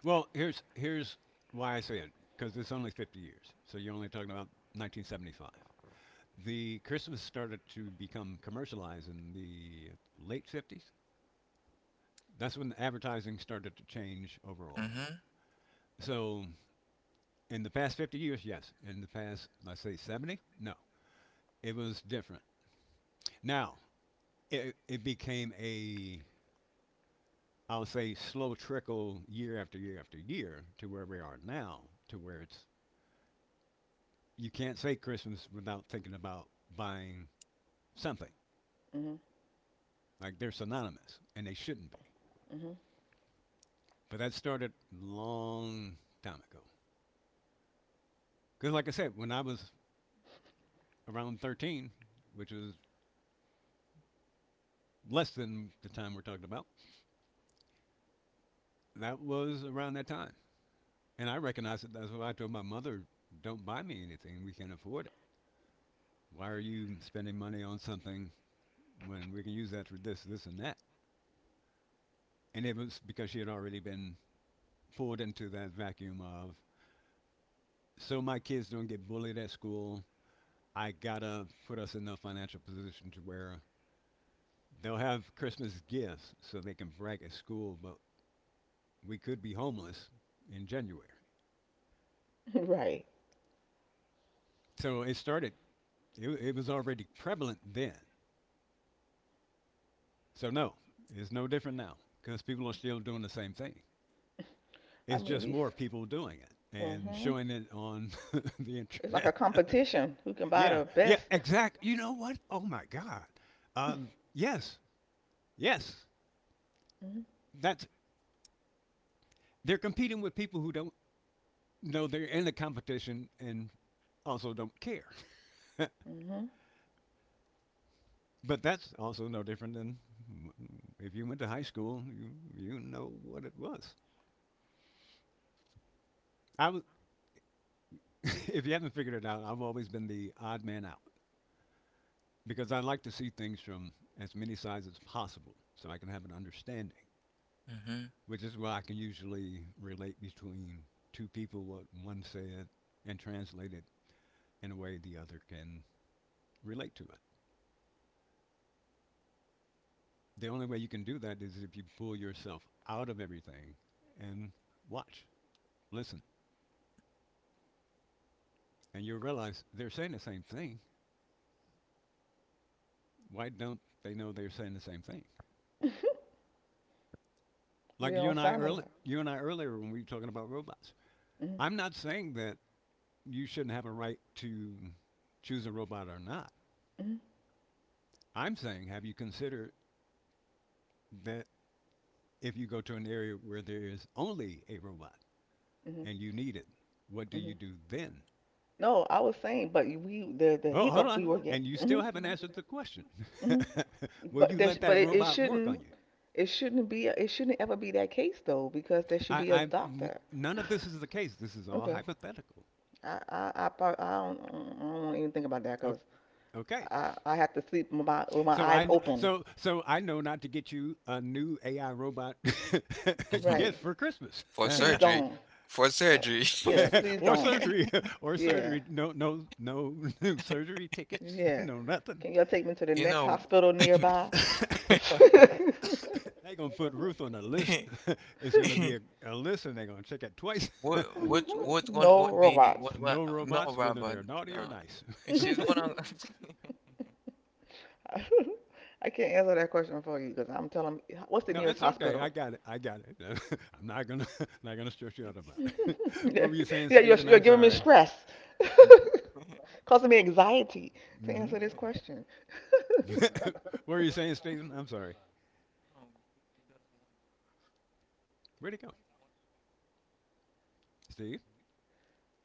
[SPEAKER 3] Well, here's why I say it because it's only 50 years, so you're only talking about 1975. The Christmas started to become commercialized in the late 50s. That's when advertising started to change overall.
[SPEAKER 1] Mm-hmm.
[SPEAKER 3] So in the past 50 years, yes. In the past, let's say 70, no, it was different. Now it became a, I'll say, slow trickle year after year after year to where we are now, to where it's you can't say Christmas without thinking about buying something.
[SPEAKER 2] Mhm.
[SPEAKER 3] Like they're synonymous, and they shouldn't be.
[SPEAKER 2] Mhm.
[SPEAKER 3] But that started long time ago. Because, like I said, when I was around 13, which is less than the time we're talking about, that was around that time. And I recognized it. That's why I told my mother, "Don't buy me anything. We can't afford it. Why are you spending money on something when we can use that for this, this, and that?" And it was because she had already been pulled into that vacuum of so my kids don't get bullied at school. I gotta put us in a financial position to where they'll have Christmas gifts so they can brag at school, but we could be homeless in January.
[SPEAKER 2] (laughs) Right.
[SPEAKER 3] So it started, it was already prevalent then. So, no, it's no different now because people are still doing the same thing.
[SPEAKER 2] I
[SPEAKER 3] It's
[SPEAKER 2] mean,
[SPEAKER 3] just
[SPEAKER 2] these.
[SPEAKER 3] more people doing it and
[SPEAKER 2] Mhm.
[SPEAKER 3] showing it on (laughs) the
[SPEAKER 2] It's like
[SPEAKER 3] internet.
[SPEAKER 2] a competition. Who can
[SPEAKER 3] (laughs)
[SPEAKER 2] buy
[SPEAKER 3] Yeah,
[SPEAKER 2] the
[SPEAKER 3] yeah,
[SPEAKER 2] best?
[SPEAKER 3] exact. You know what? Oh my God. Yes, yes.
[SPEAKER 2] Mhm.
[SPEAKER 3] That's They're competing with people who don't know they're in the competition and also don't care.
[SPEAKER 2] Mhm.
[SPEAKER 3] But that's also no different than if you went to high school, you know what it was. I was, (laughs) if you haven't figured it out, I've always been the odd man out because I like to see things from as many sides as possible so I can have an understanding,
[SPEAKER 1] Mm-hmm.
[SPEAKER 3] which is why I can usually relate between two people what one said and translate it in a way the other can relate to it. The only way you can do that is if you pull yourself out of everything and watch, listen, and you'll realize they're saying the same thing. Why don't they know they're saying the same thing?
[SPEAKER 2] We
[SPEAKER 3] Like
[SPEAKER 2] don't sound alike.
[SPEAKER 3] you and I earlier when we were talking about robots.
[SPEAKER 2] Mhm.
[SPEAKER 3] I'm not saying that you shouldn't have a right to choose a robot or not.
[SPEAKER 2] Mhm.
[SPEAKER 3] I'm saying have you considered that if you go to an area where there is only a robot
[SPEAKER 2] Mhm.
[SPEAKER 3] and you need it, what do you
[SPEAKER 2] Mhm.
[SPEAKER 3] do then?
[SPEAKER 2] No, I was saying, but we the
[SPEAKER 3] Oh, hold
[SPEAKER 2] hiccup
[SPEAKER 3] on.
[SPEAKER 2] we were
[SPEAKER 3] And
[SPEAKER 2] getting.
[SPEAKER 3] you
[SPEAKER 2] Mhm.
[SPEAKER 3] still haven't answered the question.
[SPEAKER 2] Mhm.
[SPEAKER 3] (laughs) Will
[SPEAKER 2] But
[SPEAKER 3] you
[SPEAKER 2] there, sh-
[SPEAKER 3] let
[SPEAKER 2] but
[SPEAKER 3] that
[SPEAKER 2] it, it
[SPEAKER 3] robot work on
[SPEAKER 2] shouldn't
[SPEAKER 3] you?
[SPEAKER 2] it shouldn't be it shouldn't ever be that case though because there should be a doctor.
[SPEAKER 3] None of this is the case. This is all
[SPEAKER 2] Okay.
[SPEAKER 3] hypothetical.
[SPEAKER 2] I don't want to even think about that
[SPEAKER 3] O-
[SPEAKER 2] because
[SPEAKER 3] Okay.
[SPEAKER 2] I have to sleep with my
[SPEAKER 3] So
[SPEAKER 2] eyes
[SPEAKER 3] I,
[SPEAKER 2] open.
[SPEAKER 3] so I know not to get you a new AI robot (laughs)
[SPEAKER 2] Right.
[SPEAKER 3] gift for Christmas,
[SPEAKER 1] (laughs) For
[SPEAKER 2] Please
[SPEAKER 1] surgery.
[SPEAKER 2] don't.
[SPEAKER 1] For
[SPEAKER 2] Uh,
[SPEAKER 1] surgery.
[SPEAKER 2] yeah,
[SPEAKER 3] (laughs)
[SPEAKER 2] please
[SPEAKER 3] or
[SPEAKER 2] don't.
[SPEAKER 3] surgery, (laughs)
[SPEAKER 1] (laughs)
[SPEAKER 3] or
[SPEAKER 2] Yeah,
[SPEAKER 3] surgery. No, no, no, (laughs) new surgery tickets. (laughs)
[SPEAKER 2] yeah.
[SPEAKER 3] No nothing.
[SPEAKER 2] Can y'all take me to the
[SPEAKER 1] You
[SPEAKER 2] next
[SPEAKER 1] know.
[SPEAKER 2] hospital nearby?
[SPEAKER 3] (laughs)
[SPEAKER 2] (laughs)
[SPEAKER 3] They're gonna put Ruth on a list.
[SPEAKER 1] (laughs)
[SPEAKER 3] (laughs) It's gonna be a list, and they're gonna check it twice. (laughs)
[SPEAKER 1] What one
[SPEAKER 2] No
[SPEAKER 1] would be
[SPEAKER 2] robots.
[SPEAKER 3] No
[SPEAKER 1] what no
[SPEAKER 3] robots, whether
[SPEAKER 1] Robert
[SPEAKER 3] they're naughty or
[SPEAKER 1] no
[SPEAKER 3] nice. (laughs)
[SPEAKER 1] and she's one of (laughs) no
[SPEAKER 2] (laughs) I can't answer that question for you because I'm telling what's the
[SPEAKER 3] No,
[SPEAKER 2] nearest
[SPEAKER 3] it's okay. I
[SPEAKER 2] hospital?
[SPEAKER 3] got it. I got it. (laughs) I'm not gonna (laughs) not gonna stress you out about it.
[SPEAKER 2] (laughs)
[SPEAKER 3] (laughs)
[SPEAKER 2] Yeah,
[SPEAKER 3] What were you saying,
[SPEAKER 2] you're,
[SPEAKER 3] Stephen?
[SPEAKER 2] you're
[SPEAKER 3] I'm
[SPEAKER 2] giving me
[SPEAKER 3] sorry.
[SPEAKER 2] stress, (laughs) causing me anxiety to
[SPEAKER 3] Mm hmm.
[SPEAKER 2] answer this question.
[SPEAKER 3] (laughs) What were you saying, Stephen? I'm sorry.
[SPEAKER 1] she doesn't
[SPEAKER 3] Where'd he go, Steve?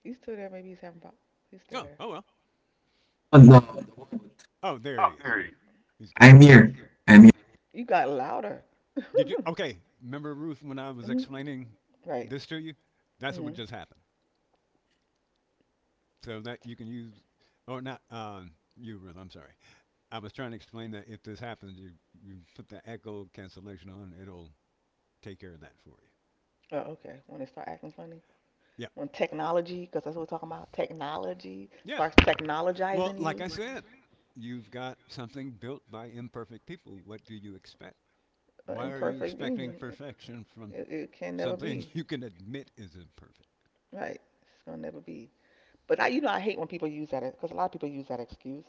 [SPEAKER 2] He's still there. Maybe he's having problems. He's still
[SPEAKER 3] Oh,
[SPEAKER 2] there.
[SPEAKER 3] oh well.
[SPEAKER 1] want does no,
[SPEAKER 3] Oh, there he
[SPEAKER 1] how
[SPEAKER 3] is.
[SPEAKER 1] dare you?
[SPEAKER 3] He's coming
[SPEAKER 1] I'm
[SPEAKER 3] back.
[SPEAKER 1] here. I'm here.
[SPEAKER 2] You got louder. (laughs)
[SPEAKER 3] Did you? Okay. Remember, Ruth, when I was
[SPEAKER 2] Hmm.
[SPEAKER 3] explaining
[SPEAKER 2] Right.
[SPEAKER 3] this to you? That's what
[SPEAKER 2] Hmm.
[SPEAKER 3] just happened. So that you can use, or not. You Ruth. I'm sorry. I was trying to explain that if this happens, you put the echo cancellation on. It'll take care of that for you.
[SPEAKER 2] Oh, okay. When they start acting funny,
[SPEAKER 3] Yeah.
[SPEAKER 2] when technology, because that's what we're talking about, technology
[SPEAKER 3] Yeah.
[SPEAKER 2] starts
[SPEAKER 3] Well,
[SPEAKER 2] technologizing
[SPEAKER 3] like
[SPEAKER 2] you,
[SPEAKER 3] I said, you've got something built by imperfect people. What do you expect?
[SPEAKER 2] an
[SPEAKER 3] Why are you
[SPEAKER 2] imperfect
[SPEAKER 3] expecting
[SPEAKER 2] being,
[SPEAKER 3] perfection from
[SPEAKER 2] it can never
[SPEAKER 3] something (laughs)
[SPEAKER 2] be.
[SPEAKER 3] you can admit is imperfect?
[SPEAKER 2] Right. It's gonna never be. But I hate when people use that because a lot of people use that excuse.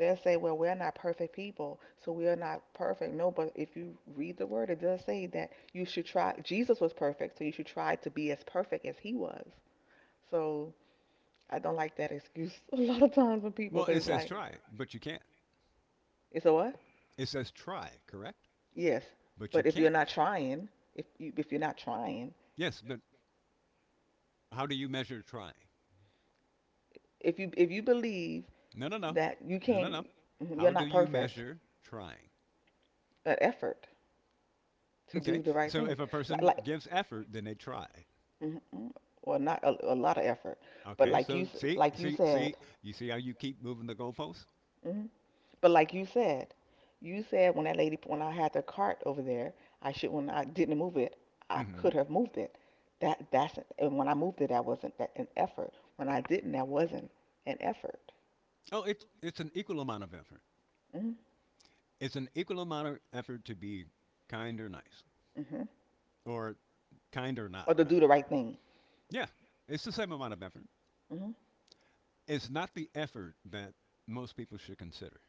[SPEAKER 2] They'll say, "Well, we're not perfect people, so we are not perfect." No, but if you read the word, it does say that you should try. Jesus was perfect, so you should try to be as perfect as he was. So I don't like that excuse (laughs) a lot of times from people
[SPEAKER 3] Well, it
[SPEAKER 2] because it's
[SPEAKER 3] says
[SPEAKER 2] like,
[SPEAKER 3] try, but you can't.
[SPEAKER 2] it's a what?
[SPEAKER 3] It says try, correct?
[SPEAKER 2] Yes,
[SPEAKER 3] But you
[SPEAKER 2] but if you're not
[SPEAKER 3] can't.
[SPEAKER 2] trying, if you're not trying,
[SPEAKER 3] Yes, but how do you measure trying?
[SPEAKER 2] if you believe
[SPEAKER 3] No, no, no.
[SPEAKER 2] that you
[SPEAKER 3] No, no, no.
[SPEAKER 2] can't, mm-hmm,
[SPEAKER 3] How
[SPEAKER 2] you're
[SPEAKER 3] do
[SPEAKER 2] not
[SPEAKER 3] you
[SPEAKER 2] perfect,
[SPEAKER 3] measure trying?
[SPEAKER 2] an effort to
[SPEAKER 3] Okay,
[SPEAKER 2] do the right
[SPEAKER 3] so if
[SPEAKER 2] thing,
[SPEAKER 3] a
[SPEAKER 2] like
[SPEAKER 3] person
[SPEAKER 2] like,
[SPEAKER 3] gives effort, then they try.
[SPEAKER 2] mhm, mhm, well not a lot of effort, but
[SPEAKER 3] Okay, so see,
[SPEAKER 2] like you
[SPEAKER 3] see,
[SPEAKER 2] said,
[SPEAKER 3] see, you see how you keep moving the goalposts?
[SPEAKER 2] hmm. But like you said when that lady, when I had the cart over there, I should, when I didn't move it, I
[SPEAKER 3] hmm
[SPEAKER 2] could have moved it. That's and when I moved it, that wasn't that an effort. When I didn't, that wasn't an effort.
[SPEAKER 3] Oh, it's an equal amount of effort.
[SPEAKER 2] Hmm.
[SPEAKER 3] It's an equal amount of effort to be kind or nice,
[SPEAKER 2] Hmm.
[SPEAKER 3] or kind or not,
[SPEAKER 2] Or to do the
[SPEAKER 3] rather.
[SPEAKER 2] right thing.
[SPEAKER 3] Yeah, it's the same amount of effort.
[SPEAKER 2] Hmm.
[SPEAKER 3] It's not the effort that most people should consider.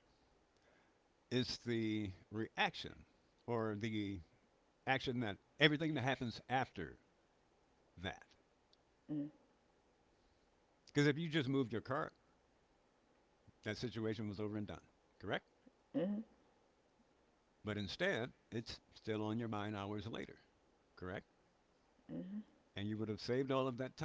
[SPEAKER 3] It's the reaction, or the action that everything that happens after that.
[SPEAKER 2] Hmm.
[SPEAKER 3] Because if you just moved your car, that situation was over and done. Correct?
[SPEAKER 2] Hmm.
[SPEAKER 3] But instead, it's still on your mind hours later, correct?
[SPEAKER 2] Hmm.
[SPEAKER 3] And you would have saved all of that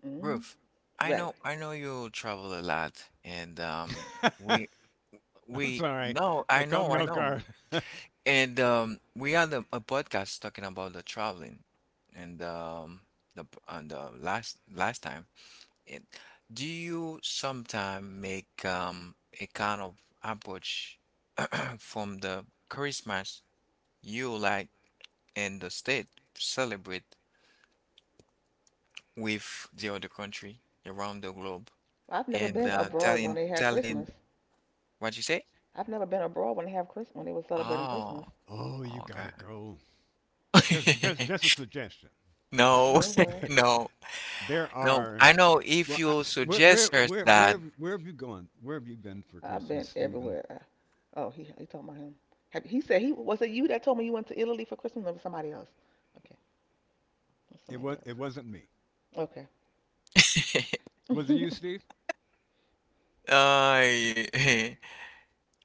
[SPEAKER 2] Hmm.
[SPEAKER 1] Ruth,
[SPEAKER 2] Right.
[SPEAKER 1] I know you travel a lot and
[SPEAKER 3] time.
[SPEAKER 1] we
[SPEAKER 3] (laughs) I'm
[SPEAKER 1] we
[SPEAKER 3] sorry,
[SPEAKER 1] no I
[SPEAKER 3] that caught
[SPEAKER 1] know
[SPEAKER 3] me
[SPEAKER 1] I
[SPEAKER 3] off
[SPEAKER 1] know
[SPEAKER 3] guard.
[SPEAKER 1] and we had a podcast talking about the traveling and the p- on the last last time. And do you sometimes make a kind of approach (clears throat) from the Christmas you like in the state celebrate with the other country around the globe
[SPEAKER 2] Well, I've never
[SPEAKER 1] and
[SPEAKER 2] been abroad when
[SPEAKER 1] telling
[SPEAKER 2] they had
[SPEAKER 1] telling
[SPEAKER 2] Christmas.
[SPEAKER 1] what you say?
[SPEAKER 2] I've never been abroad when they have Christmas when they were celebrating Christmas.
[SPEAKER 1] Oh,
[SPEAKER 3] Oh, you gotta go.
[SPEAKER 1] okay.
[SPEAKER 3] Just
[SPEAKER 1] (laughs)
[SPEAKER 3] a suggestion.
[SPEAKER 1] No, (laughs)
[SPEAKER 2] Okay.
[SPEAKER 1] no,
[SPEAKER 3] (laughs) There
[SPEAKER 1] no.
[SPEAKER 3] are,
[SPEAKER 1] I know if you suggest her that,
[SPEAKER 3] where have you gone? Where have you been for
[SPEAKER 2] I've
[SPEAKER 3] Christmas,
[SPEAKER 2] been
[SPEAKER 3] Stephen?
[SPEAKER 2] everywhere. Oh, he talking about him. He said, he was it you that told me you went to Italy for Christmas, or was somebody else? Okay, was somebody
[SPEAKER 3] It
[SPEAKER 2] else.
[SPEAKER 3] wasn't me.
[SPEAKER 2] Okay,
[SPEAKER 1] (laughs)
[SPEAKER 3] Was it you, Steve?
[SPEAKER 1] I (laughs)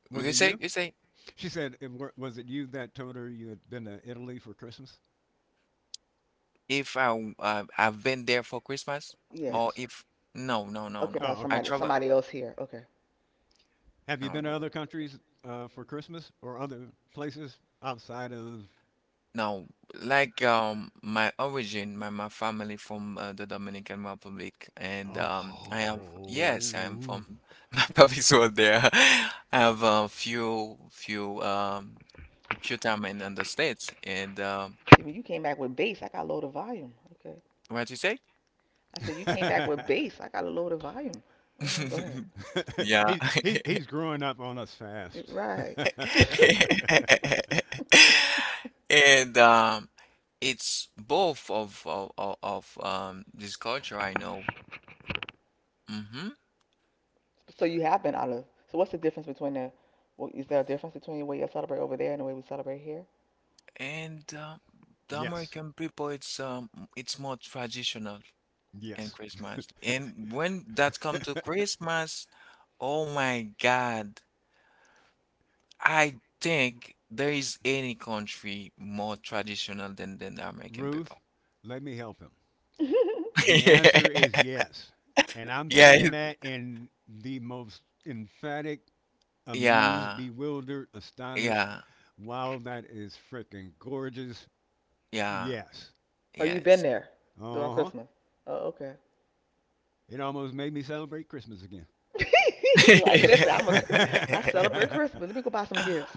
[SPEAKER 3] Was it you?
[SPEAKER 1] you say
[SPEAKER 3] She said, "Was it you that told her you had been to Italy for Christmas?"
[SPEAKER 1] if I w- I've been there for Christmas,
[SPEAKER 2] yes.
[SPEAKER 1] or
[SPEAKER 3] Yes.
[SPEAKER 1] if no, no, no,
[SPEAKER 2] Okay,
[SPEAKER 1] no,
[SPEAKER 2] that was
[SPEAKER 3] Oh,
[SPEAKER 1] I
[SPEAKER 3] okay.
[SPEAKER 2] somebody
[SPEAKER 1] travel
[SPEAKER 2] somebody else here. Okay.
[SPEAKER 3] Have you
[SPEAKER 2] See,
[SPEAKER 1] no,
[SPEAKER 3] been to other countries for Christmas or other places outside of?
[SPEAKER 1] no, like my origin, my family from the Dominican Republic, and I have yes, I am from
[SPEAKER 3] Oh,
[SPEAKER 1] (laughs) my family's were there. (laughs) I have a few few few time in the States, and
[SPEAKER 2] when you came back with bass, I got low the volume. Okay.
[SPEAKER 1] what you say?
[SPEAKER 2] I said you came back with
[SPEAKER 3] (laughs)
[SPEAKER 2] bass, I got a low the volume. Hmm, go ahead.
[SPEAKER 1] (laughs) Yeah.
[SPEAKER 3] he's
[SPEAKER 1] (laughs)
[SPEAKER 3] growing up on us fast.
[SPEAKER 2] Right.
[SPEAKER 1] (laughs)
[SPEAKER 3] (laughs)
[SPEAKER 1] And it's both of, this culture I know. hmm
[SPEAKER 2] So you have been out of. So what's the difference between the? Well, is there a difference between the way you celebrate over there and the way we celebrate here?
[SPEAKER 1] And the
[SPEAKER 3] Yes,
[SPEAKER 1] American people, it's more traditional in
[SPEAKER 3] yes.
[SPEAKER 1] Christmas.
[SPEAKER 3] (laughs)
[SPEAKER 1] And when that come to Christmas, oh my God, I think there is any country more traditional than the American
[SPEAKER 3] Ruth,
[SPEAKER 1] people.
[SPEAKER 3] let me help him. The answer is
[SPEAKER 1] (laughs)
[SPEAKER 3] yes, and I'm
[SPEAKER 2] Mm.
[SPEAKER 1] Yeah,
[SPEAKER 3] saying that in the most emphatic,
[SPEAKER 1] yeah,
[SPEAKER 3] amused,
[SPEAKER 1] yeah,
[SPEAKER 3] bewildered, astonished.
[SPEAKER 1] yeah.
[SPEAKER 3] Wow, that is freaking gorgeous.
[SPEAKER 1] Yeah.
[SPEAKER 3] Yes.
[SPEAKER 2] Oh, you've been
[SPEAKER 1] Yes.
[SPEAKER 2] there
[SPEAKER 3] Uh
[SPEAKER 2] during
[SPEAKER 3] huh.
[SPEAKER 2] Christmas. Oh, okay.
[SPEAKER 3] It almost made me celebrate Christmas again.
[SPEAKER 2] (laughs) Like, listen,
[SPEAKER 1] (laughs)
[SPEAKER 2] I'm ai celebrate Christmas. Let
[SPEAKER 3] (laughs)
[SPEAKER 2] me go buy some gifts.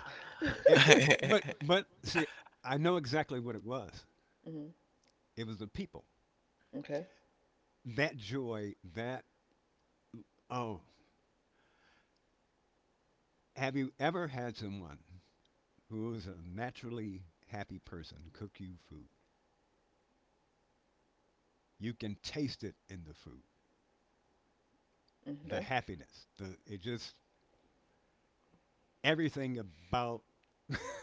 [SPEAKER 3] it,
[SPEAKER 2] (laughs)
[SPEAKER 3] but see, I know exactly what it was.
[SPEAKER 2] Mhm.
[SPEAKER 3] It was the people.
[SPEAKER 2] Okay.
[SPEAKER 3] That joy. That Oh, have you ever had someone who is a naturally happy person cook you food? You can taste it in the food.
[SPEAKER 2] Mm-hmm.
[SPEAKER 3] The
[SPEAKER 2] Okay.
[SPEAKER 3] happiness. The it just everything about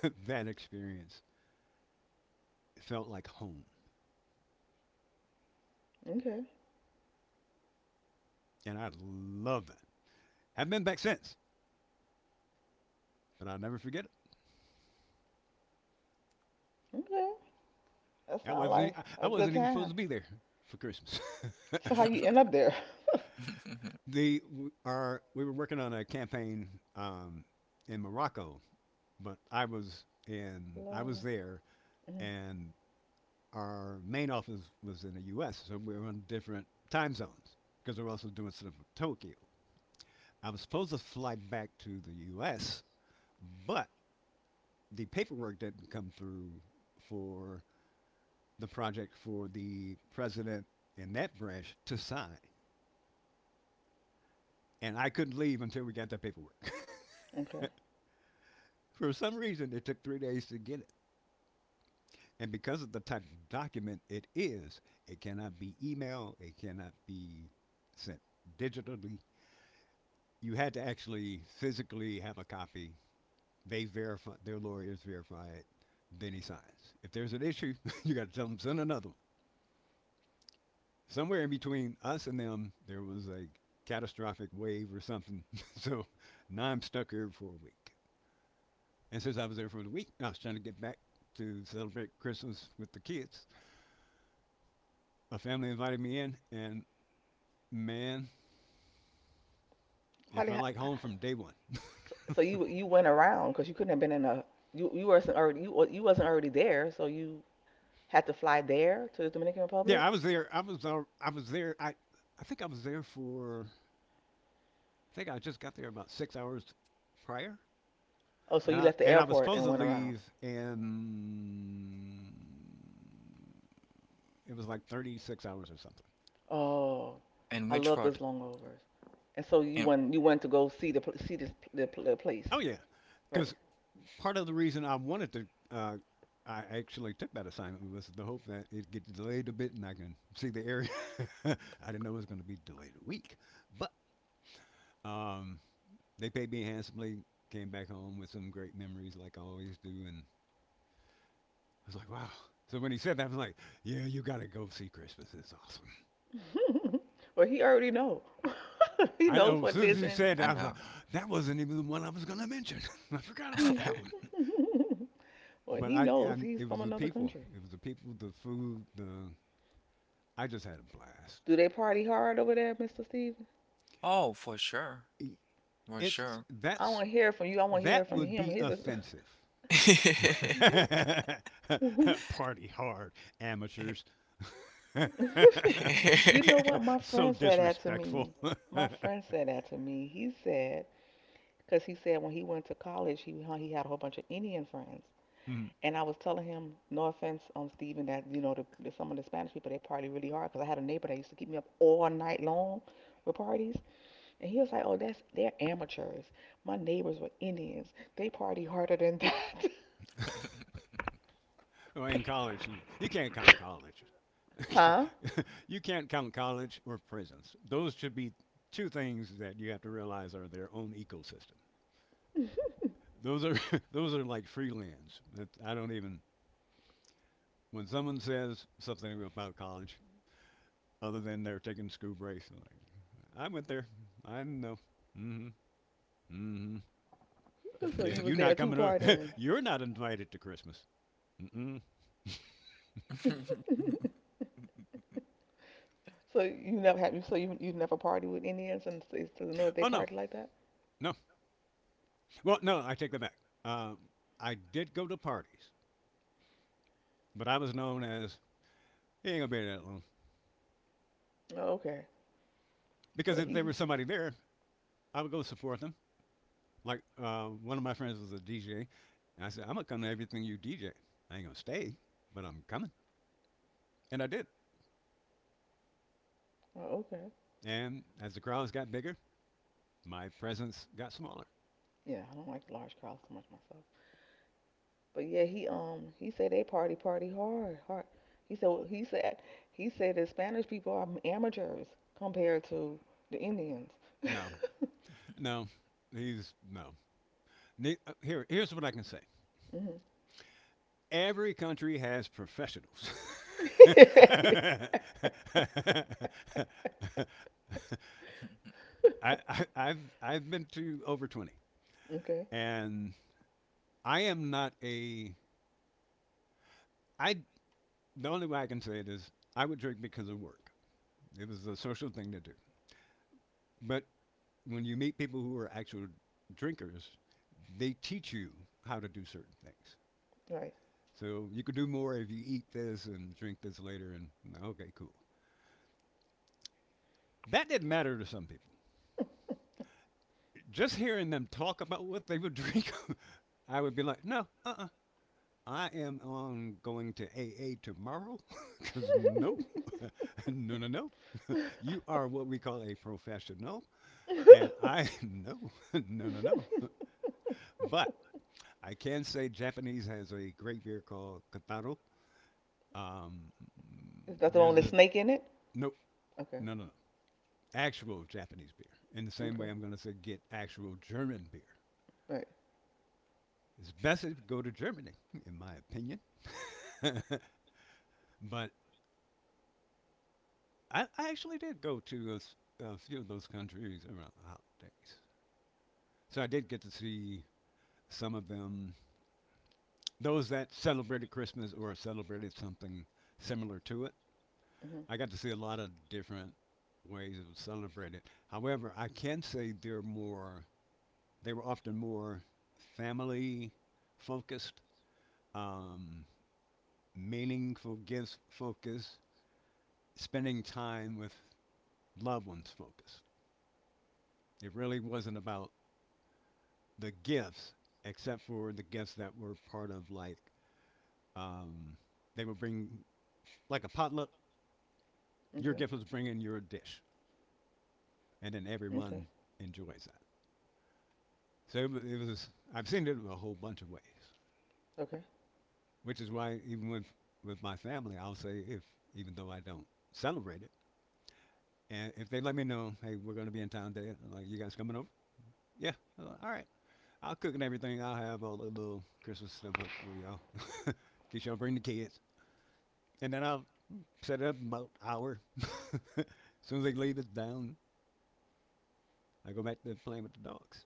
[SPEAKER 3] (laughs) that experience felt like home,
[SPEAKER 2] Okay.
[SPEAKER 3] and I love that. Haven't been back since, but I'll never forget it.
[SPEAKER 2] Okay. That sounds like
[SPEAKER 3] I
[SPEAKER 2] a good
[SPEAKER 3] wasn't even supposed
[SPEAKER 2] time.
[SPEAKER 3] to be there for Christmas.
[SPEAKER 2] So
[SPEAKER 3] (laughs)
[SPEAKER 2] how you end up there? (laughs)
[SPEAKER 3] the our We were working on a campaign um, in Morocco, but I was
[SPEAKER 2] Love.
[SPEAKER 3] there,
[SPEAKER 2] Mhm.
[SPEAKER 3] and our main office was in the U.S., so we were on different time zones because we were also doing stuff with Tokyo. I was supposed to fly back to the U.S. But the paperwork didn't come through for the project for the president in that branch to sign. And I couldn't leave until we got that paperwork.
[SPEAKER 2] Okay.
[SPEAKER 3] (laughs) For some reason, it took 3 days to get it. And because of the type of document it is, it cannot be email, it cannot be sent digitally. You had to actually physically have a copy. Their lawyers verify it, then he signs. If there's an issue, (laughs) you got to tell them send another one. Somewhere in between us and them, there was a catastrophic wave or something. (laughs) So now I'm stuck here for a week. And since I was there for a week, I was trying to get back to celebrate Christmas with the kids. A family invited me in, and man,
[SPEAKER 2] How
[SPEAKER 3] it
[SPEAKER 2] did
[SPEAKER 3] felt like
[SPEAKER 2] how,
[SPEAKER 3] home from day one.
[SPEAKER 2] so you went around because you couldn't have been in a you wasn't already there, so you had to fly there to the Dominican Republic.
[SPEAKER 3] Yeah, I was there. I was there. I think I was there for. I think I just got there about 6 hours prior,
[SPEAKER 2] Oh, so
[SPEAKER 3] and
[SPEAKER 2] you left the
[SPEAKER 3] I was
[SPEAKER 2] airport
[SPEAKER 3] supposed
[SPEAKER 2] and
[SPEAKER 3] to
[SPEAKER 2] went around.
[SPEAKER 3] leave in. It was like 36 hours or something.
[SPEAKER 2] Oh,
[SPEAKER 1] And
[SPEAKER 2] I
[SPEAKER 1] which
[SPEAKER 2] love
[SPEAKER 1] part?
[SPEAKER 2] those long overs. And so you
[SPEAKER 1] And
[SPEAKER 2] want you want to go see the see this the place,
[SPEAKER 3] Oh yeah,
[SPEAKER 2] right?
[SPEAKER 3] because part of the reason I actually took that assignment was the hope that it gets delayed a bit and I can see the area. (laughs) I didn't know it was going to be delayed a week, but um, they paid me handsomely. Came back home with some great memories, like I always do, and I was like, wow. So when he said that, I was like, yeah, you got to go see Christmas. It's awesome.
[SPEAKER 2] Well, he already know. (laughs) He
[SPEAKER 3] I
[SPEAKER 2] knows
[SPEAKER 3] know. As
[SPEAKER 2] what it
[SPEAKER 3] soon as
[SPEAKER 2] is,
[SPEAKER 3] he
[SPEAKER 2] and
[SPEAKER 3] said
[SPEAKER 1] I
[SPEAKER 3] that, I was
[SPEAKER 1] know.
[SPEAKER 3] like, that wasn't even the one I was going to mention. (laughs) I forgot about that one.
[SPEAKER 2] (laughs) well,
[SPEAKER 3] But
[SPEAKER 2] he
[SPEAKER 3] I,
[SPEAKER 2] knows
[SPEAKER 3] and
[SPEAKER 2] he's
[SPEAKER 3] it
[SPEAKER 2] from
[SPEAKER 3] was the
[SPEAKER 2] another
[SPEAKER 3] people.
[SPEAKER 2] country.
[SPEAKER 3] It was the people, the food, the I just had a blast.
[SPEAKER 2] Do they party hard over there, Mr. Steven?
[SPEAKER 1] Oh, for sure. For
[SPEAKER 3] It's
[SPEAKER 1] sure.
[SPEAKER 2] I
[SPEAKER 3] that's
[SPEAKER 2] want to hear from you. I want to hear
[SPEAKER 3] That
[SPEAKER 2] from
[SPEAKER 3] would
[SPEAKER 2] him.
[SPEAKER 3] be
[SPEAKER 2] He's a.
[SPEAKER 3] offensive.
[SPEAKER 1] (laughs)
[SPEAKER 3] (laughs)
[SPEAKER 2] (laughs)
[SPEAKER 3] Party hard, amateurs.
[SPEAKER 2] You know what? My
[SPEAKER 3] (laughs) So
[SPEAKER 2] friend said that to me.
[SPEAKER 3] disrespectful.
[SPEAKER 2] My friend
[SPEAKER 3] (laughs)
[SPEAKER 2] said that to me. He said, because he said when he went to college, he had a whole bunch of Indian friends, and I was telling him, no offense, Stephen, that you know, the, some of the Spanish people they party really hard. Because I had a neighbor that used to keep me up all night long with parties, and he was like, "Oh, that's they're amateurs. My neighbors were Indians. They party harder than that,
[SPEAKER 3] Well, in college, you can't count college.
[SPEAKER 2] (laughs)
[SPEAKER 3] (laughs)
[SPEAKER 2] huh?"
[SPEAKER 3] You can't count college or prisons. Those should be two things that you have to realize are their own ecosystem. Those are (laughs) those are like free lands. That I don't even When someone says something about college other than they're taking school breaks, like, I went there. I didn't know. Mm-hmm. Mm-hmm.
[SPEAKER 2] So
[SPEAKER 3] Yeah,
[SPEAKER 2] you
[SPEAKER 3] you
[SPEAKER 2] was
[SPEAKER 3] are not
[SPEAKER 2] there too
[SPEAKER 3] coming over.
[SPEAKER 2] partying.
[SPEAKER 3] (laughs) You're not invited to Christmas. Mm-mm.
[SPEAKER 2] So you never party with Indians and to know if they
[SPEAKER 3] Oh no,
[SPEAKER 2] party like that.
[SPEAKER 3] no. Well, no, I take that back. Um, I did go to parties, but I was known as he ain't gonna be there that long
[SPEAKER 2] Oh, okay.
[SPEAKER 3] because
[SPEAKER 2] But
[SPEAKER 3] if there
[SPEAKER 2] he.
[SPEAKER 3] was somebody there, I would go support them. Like one of my friends was a DJ, and I said, I'm gonna come to everything you DJ. I ain't gonna stay, but I'm coming, and I did.
[SPEAKER 2] Oh, okay.
[SPEAKER 3] And as the crowds got bigger, my presence got smaller.
[SPEAKER 2] Yeah, I don't like large crowds too much myself. But yeah, he said they party hard. He said he said he said the Spanish people are amateurs compared to the Indians.
[SPEAKER 3] No, no, these no. Here's what I can say.
[SPEAKER 2] Hmm.
[SPEAKER 3] Every country has professionals. (laughs) I, I've been to over 20,
[SPEAKER 2] Okay.
[SPEAKER 3] and I am not a I. The only way I can say it is I would drink because of work. It was a social thing to do, but when you meet people who are actual drinkers, they teach you how to do certain things.
[SPEAKER 2] Right.
[SPEAKER 3] So you could do more if you eat this and drink this later. And okay, cool. That didn't matter to some people. Just hearing them talk about what they would drink, (laughs) I would be like, no, uh, I am on going to AA tomorrow because (laughs) no, (laughs) no, no, no. You are what we call a professional. And I, (laughs) no, (laughs) no, no, no. But I can say Japanese has a great beer called Kataro. Um,
[SPEAKER 2] Is that the one
[SPEAKER 3] there's
[SPEAKER 2] with the
[SPEAKER 3] a
[SPEAKER 2] snake in it?
[SPEAKER 3] Nope,
[SPEAKER 2] Okay.
[SPEAKER 3] no, no, no, actual Japanese beer. In the same way,
[SPEAKER 2] Okay.
[SPEAKER 3] I'm going to say get actual German beer.
[SPEAKER 2] Right.
[SPEAKER 3] It's best if you go to Germany, in my opinion. (laughs) But I actually did go to a few of those countries around the holidays, so I did get to see some of them. Those that celebrated Christmas or celebrated something similar to it.
[SPEAKER 2] Hmm.
[SPEAKER 3] I got to see a lot of different ways it was celebrated. However, I can say they're more they were often more family focused, um, meaningful gifts focused, spending time with loved ones focused. It really wasn't about the gifts, except for the gifts that were part of, like, um, they would bring like a potluck. Your
[SPEAKER 2] Okay.
[SPEAKER 3] gift was bringing your dish, and then
[SPEAKER 2] Okay.
[SPEAKER 3] everyone enjoys that. So it was, I've seen it a whole bunch of ways,
[SPEAKER 2] Okay.
[SPEAKER 3] which is why even with my family, I'll say if even though I don't celebrate it, and if they let me know, hey, we're going to be in town today, I'm like, you guys coming over? Yeah, I'm like, all right. I'll cook and everything. I'll have all the little Christmas stuff up for y'all. (laughs) In y'all bring the kids, and then I'll set it up in about an hour. (laughs) As soon as they leave it down, I go back to playing with the dogs.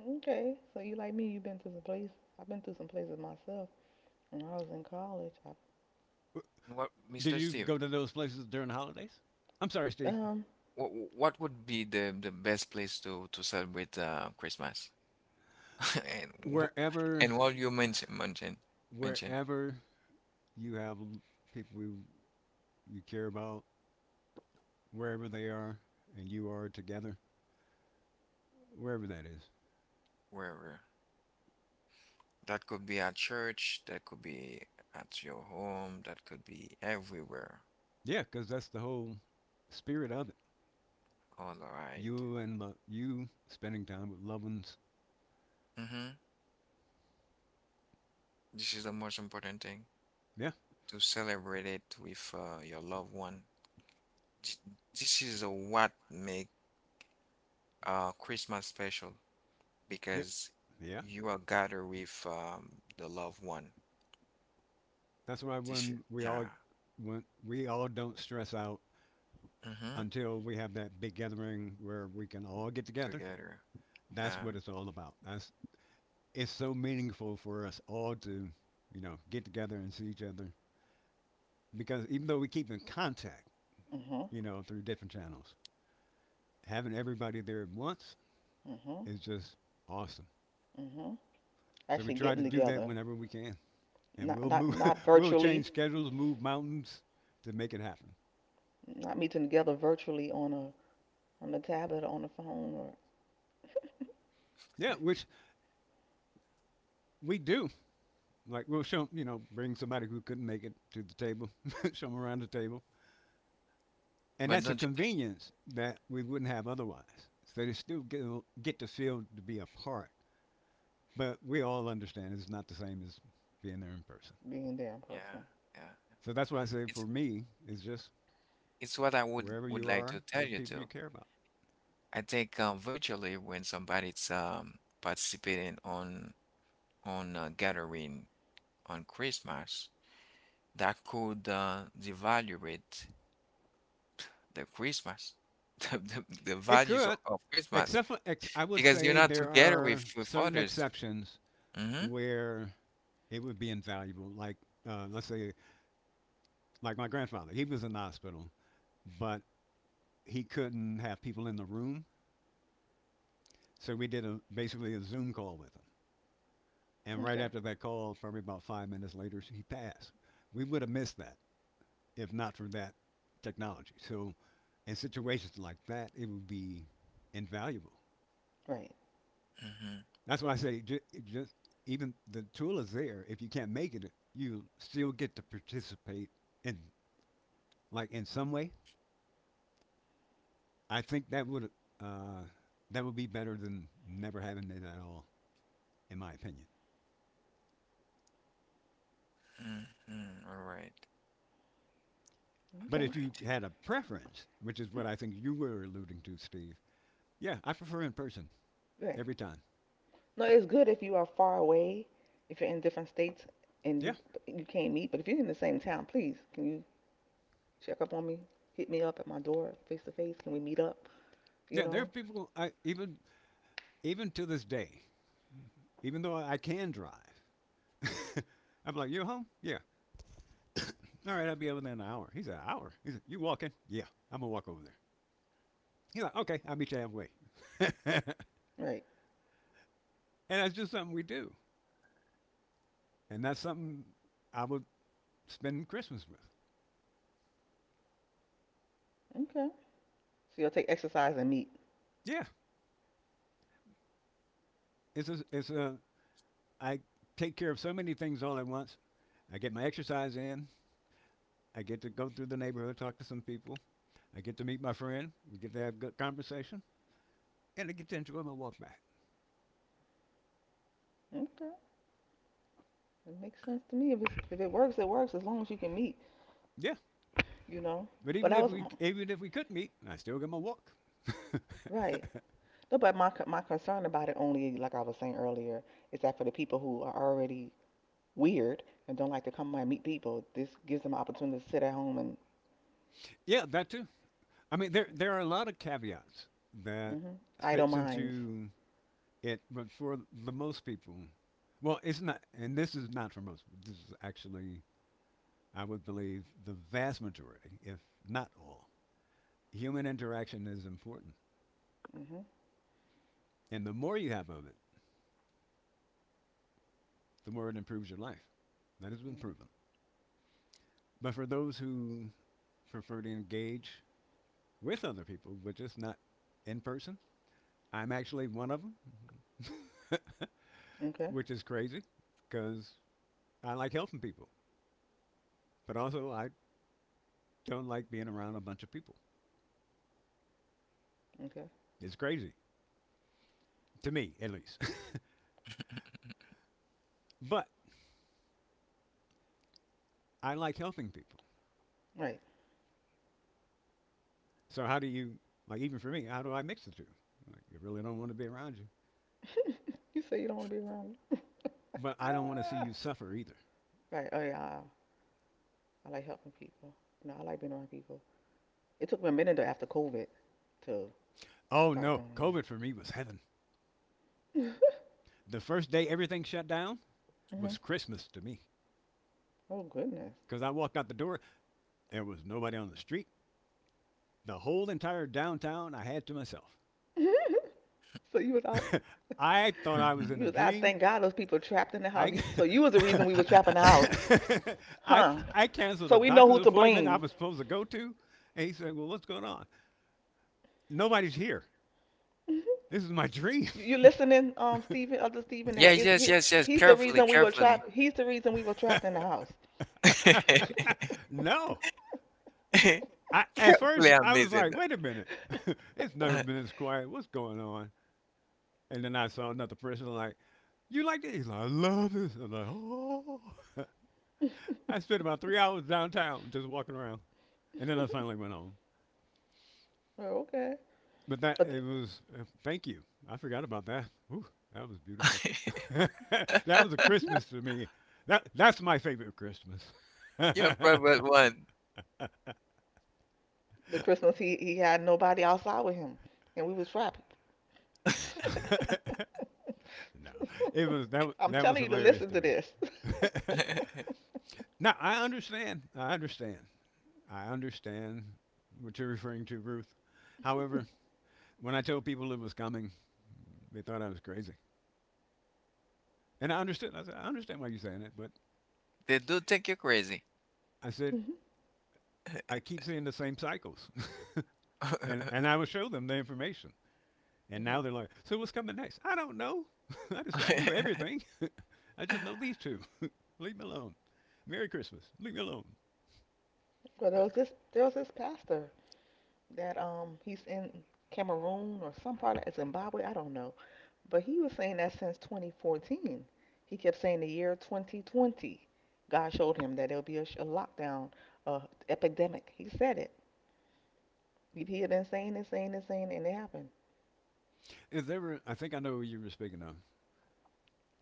[SPEAKER 2] Okay. So you like me? You've been to some places. I've been through some places myself. When I was in college, I,
[SPEAKER 1] What,
[SPEAKER 3] Did
[SPEAKER 1] Mr.
[SPEAKER 3] you
[SPEAKER 1] Steve,
[SPEAKER 3] go to those places during the holidays? I'm sorry, Steve.
[SPEAKER 2] um,
[SPEAKER 1] what would be the best place to celebrate Christmas? (laughs) And wh-
[SPEAKER 3] Wherever,
[SPEAKER 1] and what you mention mention mention
[SPEAKER 3] wherever you have people you, you care about, wherever they are and you are together, wherever that is.
[SPEAKER 1] where where? That could be at church, that could be at your home, that could be everywhere.
[SPEAKER 3] Yeah, because that's the whole spirit of it.
[SPEAKER 1] All right.
[SPEAKER 3] You and you spending time with loved ones.
[SPEAKER 1] Mm-hmm. This is the most important thing
[SPEAKER 3] Yeah,
[SPEAKER 1] to celebrate it with your loved one. Th- This is what make Christmas special
[SPEAKER 3] yeah,
[SPEAKER 1] because
[SPEAKER 3] yeah.
[SPEAKER 1] you are gathered with the loved one.
[SPEAKER 3] That's why
[SPEAKER 1] This is,
[SPEAKER 3] when we
[SPEAKER 1] yeah.
[SPEAKER 3] all don't stress out
[SPEAKER 1] Mm-hmm.
[SPEAKER 3] until we have that big gathering where we can all get together.
[SPEAKER 1] Together.
[SPEAKER 3] That's
[SPEAKER 1] Yeah.
[SPEAKER 3] what it's all about. That's It's so meaningful for us all to, you know, get together and see each other, because even though we keep in contact,
[SPEAKER 2] mhm,
[SPEAKER 3] you know, through different channels, having everybody there at once
[SPEAKER 2] mhm,
[SPEAKER 3] is just awesome.
[SPEAKER 2] mhm.
[SPEAKER 3] So we
[SPEAKER 2] Actually,
[SPEAKER 3] try to
[SPEAKER 2] getting
[SPEAKER 3] do that
[SPEAKER 2] together,
[SPEAKER 3] whenever we can, and
[SPEAKER 2] not
[SPEAKER 3] we'll
[SPEAKER 2] not
[SPEAKER 3] move, (laughs)
[SPEAKER 2] not
[SPEAKER 3] we'll change
[SPEAKER 2] virtually,
[SPEAKER 3] schedules, move mountains to make it happen.
[SPEAKER 2] not meeting together virtually on a on the tablet, or on the phone, or
[SPEAKER 3] Yeah, which we do. Like, we'll show, you know, bring somebody who couldn't make it to the table, (laughs) show them around the table, and
[SPEAKER 1] But
[SPEAKER 3] that's a
[SPEAKER 1] don't you think?
[SPEAKER 3] convenience that we wouldn't have otherwise. So they still get to feel to be a part. But we all understand it's not the same as being there in person.
[SPEAKER 2] being there in
[SPEAKER 1] Yeah.
[SPEAKER 2] person.
[SPEAKER 1] Yeah. Yeah.
[SPEAKER 3] So that's why I say,
[SPEAKER 1] It's
[SPEAKER 3] for me, it's just
[SPEAKER 1] it's what I
[SPEAKER 3] wherever
[SPEAKER 1] would
[SPEAKER 3] you
[SPEAKER 1] like to
[SPEAKER 3] are
[SPEAKER 1] tell
[SPEAKER 3] with
[SPEAKER 1] you
[SPEAKER 3] people you
[SPEAKER 1] too.
[SPEAKER 3] care about.
[SPEAKER 1] I think virtually when somebody's participating on a gathering on Christmas, that could devaluate the Christmas, (laughs) the, the, the
[SPEAKER 3] It
[SPEAKER 1] values
[SPEAKER 3] could,
[SPEAKER 1] of Christmas,
[SPEAKER 3] except for, I would
[SPEAKER 1] because you're
[SPEAKER 3] say
[SPEAKER 1] not
[SPEAKER 3] there
[SPEAKER 1] together
[SPEAKER 3] are
[SPEAKER 1] with
[SPEAKER 3] certain
[SPEAKER 1] others.
[SPEAKER 3] exceptions
[SPEAKER 1] Mm-hmm.
[SPEAKER 3] where it would be invaluable. Like, let's say, like my grandfather, he was in the hospital, but he couldn't have people in the room, so we did a, basically a Zoom call with him. And right
[SPEAKER 2] Okay.
[SPEAKER 3] after that call, probably about 5 minutes later, he passed. We would have missed that if not for that technology. So in situations like that, it would be invaluable.
[SPEAKER 2] Right.
[SPEAKER 1] Mm-hmm.
[SPEAKER 3] That's why I say it just, even the tool is there. If you can't make it, you still get to participate in, like, in some way. I think uh, that would be better than never having it at all, in my opinion.
[SPEAKER 1] Mm-hmm. All right. All
[SPEAKER 3] But
[SPEAKER 2] Okay.
[SPEAKER 3] if you
[SPEAKER 1] right.
[SPEAKER 3] had a preference, which is what I think you were alluding to, Steve, yeah, I prefer in person
[SPEAKER 2] Right.
[SPEAKER 3] every time.
[SPEAKER 2] No, it's good if you are far away, if you're in different states and
[SPEAKER 3] Yeah,
[SPEAKER 2] you can't meet. But if you're in the same town, please can you check up on me? Hit me up at my door, face to face. Can we meet up? You
[SPEAKER 3] yeah. There are
[SPEAKER 2] know.
[SPEAKER 3] people I even to this day, even though I can drive, (laughs) I'm like, you home? Yeah, all right, I'll be over there in an hour. He's an hour. He's like, you walking? Yeah, I'm gonna walk over there. He's like, okay, I'll meet you halfway. (laughs) And
[SPEAKER 2] Right.
[SPEAKER 3] that's just something we do, and that's something I would spend Christmas with.
[SPEAKER 2] Okay. So you'll take exercise and meet.
[SPEAKER 3] Yeah, it's a. I take care of so many things all at once. I get my exercise in. I get to go through the neighborhood, talk to some people. I get to meet my friend. We get to have a good conversation, and I get to enjoy my walk back.
[SPEAKER 2] Okay. It makes sense to me. If it works, it works. As long as you can meet,
[SPEAKER 3] Yeah,
[SPEAKER 2] you know.
[SPEAKER 3] but
[SPEAKER 2] But
[SPEAKER 3] even
[SPEAKER 2] I
[SPEAKER 3] if
[SPEAKER 2] was
[SPEAKER 3] we could meet, I still get my walk.
[SPEAKER 2] right.
[SPEAKER 3] (laughs)
[SPEAKER 2] No, but my concern about it only, like I was saying earlier, is that for the people who are already weird and don't like to come out and meet people, this gives them an opportunity to sit at home and
[SPEAKER 3] Yeah, that too. There are a lot of caveats that
[SPEAKER 2] mhm, idle
[SPEAKER 3] fits
[SPEAKER 2] minds.
[SPEAKER 3] into it, but for the most people, well, it's not, and this is not for most. This is actually, I would believe, the vast majority, if not all. Human interaction is important,
[SPEAKER 2] Hmm.
[SPEAKER 3] and the more you have of it, the more it improves your life. That has been proven. But for those who prefer to engage with other people, but just not in person, I'm actually one of them, (laughs)
[SPEAKER 2] Okay.
[SPEAKER 3] which is crazy because I like helping people, but also I don't like being around a bunch of people.
[SPEAKER 2] Okay.
[SPEAKER 3] It's crazy to me, at least. (laughs) But I like helping people.
[SPEAKER 2] Right.
[SPEAKER 3] So how do you even for me, how do I mix the two? Like, I really don't want to be around you,
[SPEAKER 2] (laughs) You say you don't want to be around me.
[SPEAKER 3] but I don't want to see you suffer either.
[SPEAKER 2] Right. Oh yeah. I like helping people. No, I like being around people. It took me a minute after COVID to
[SPEAKER 3] Oh
[SPEAKER 2] start
[SPEAKER 3] no,
[SPEAKER 2] doing
[SPEAKER 3] COVID for me was heaven.
[SPEAKER 2] that.
[SPEAKER 3] The first day everything shut down
[SPEAKER 2] (laughs) Hmm.
[SPEAKER 3] was Christmas to me,
[SPEAKER 2] Oh goodness.
[SPEAKER 3] because I walked out the door. There was nobody on the street. The whole entire downtown I had to myself.
[SPEAKER 2] (laughs) So you was out.
[SPEAKER 3] (laughs)
[SPEAKER 2] (laughs)
[SPEAKER 3] I thought I was
[SPEAKER 1] Mm-hmm.
[SPEAKER 3] in
[SPEAKER 2] You
[SPEAKER 3] a
[SPEAKER 2] was
[SPEAKER 1] (laughs)
[SPEAKER 2] out.
[SPEAKER 3] dream.
[SPEAKER 2] Thank God those people trapped in the house.
[SPEAKER 3] I
[SPEAKER 2] So you was the reason we was
[SPEAKER 3] (laughs)
[SPEAKER 2] trapped in the house,
[SPEAKER 3] I
[SPEAKER 2] huh?
[SPEAKER 3] I canceled a
[SPEAKER 2] So we know
[SPEAKER 3] doctor's
[SPEAKER 2] who to
[SPEAKER 3] appointment I
[SPEAKER 2] blame.
[SPEAKER 3] was supposed to go to, and he said, "Well, what's going on? Nobody's here. This is my dream."
[SPEAKER 2] You listening, Stephen? Other Stephen, that
[SPEAKER 1] Yes,
[SPEAKER 2] is
[SPEAKER 1] yes,
[SPEAKER 2] he?
[SPEAKER 1] yes, yes.
[SPEAKER 2] He's the
[SPEAKER 1] Carefully,
[SPEAKER 2] reason we were
[SPEAKER 1] carefully.
[SPEAKER 2] trapped. He's the reason we were trapped in the house.
[SPEAKER 1] (laughs)
[SPEAKER 3] (laughs) No, I, at
[SPEAKER 1] Carefully,
[SPEAKER 3] first
[SPEAKER 1] I'm
[SPEAKER 3] I was like,
[SPEAKER 1] listening.
[SPEAKER 3] "Wait a minute, (laughs) it's never
[SPEAKER 1] (laughs)
[SPEAKER 3] been this quiet. What's going on?" And then I saw another person, like, "You like this?" He's like, "I love this." I'm like, "Oh." (laughs) I spent about 3 hours downtown just walking around, and then I finally went home.
[SPEAKER 2] Oh, okay.
[SPEAKER 3] But that
[SPEAKER 2] But
[SPEAKER 3] it
[SPEAKER 2] th-
[SPEAKER 3] was. Thank you. I forgot about that. Ooh, that was beautiful. (laughs) That was a Christmas to me. That's my favorite Christmas. (laughs) No,
[SPEAKER 1] Your private
[SPEAKER 3] (laughs)
[SPEAKER 1] one.
[SPEAKER 2] the Christmas, he had nobody outside with him, and we was trapped.
[SPEAKER 3] no. It was that.
[SPEAKER 2] I'm
[SPEAKER 3] That was
[SPEAKER 2] telling you to
[SPEAKER 3] hilarious
[SPEAKER 2] listen
[SPEAKER 3] to
[SPEAKER 2] to
[SPEAKER 3] me.
[SPEAKER 2] this.
[SPEAKER 3] (laughs)
[SPEAKER 1] (laughs)
[SPEAKER 3] No, I understand. I understand what you're referring to, Ruth. However, when I told people it was coming, they thought I was crazy, and I understood. I said, I understand why you're saying it, but
[SPEAKER 1] They do think you crazy.
[SPEAKER 3] I
[SPEAKER 2] (laughs)
[SPEAKER 3] said
[SPEAKER 2] Hmm.
[SPEAKER 3] I keep seeing the same cycles. (laughs) And
[SPEAKER 1] (laughs)
[SPEAKER 3] I would show them the information. And
[SPEAKER 2] Hmm.
[SPEAKER 3] now they're like, so what's coming next? I don't know. (laughs) I knew everything. (laughs) I just know these two. (laughs) Leave me alone. Merry Christmas. Leave me alone.
[SPEAKER 2] Well, there was this pastor that he's in Cameroon or some part of Zimbabwe, I don't know. But he was saying that since 2014, he kept saying the year 2020, God showed him that there'll be a lockdown, uh, epidemic. He said it. He had been saying and saying and saying, and it happened.
[SPEAKER 3] If there were, I think I know who you were speaking of,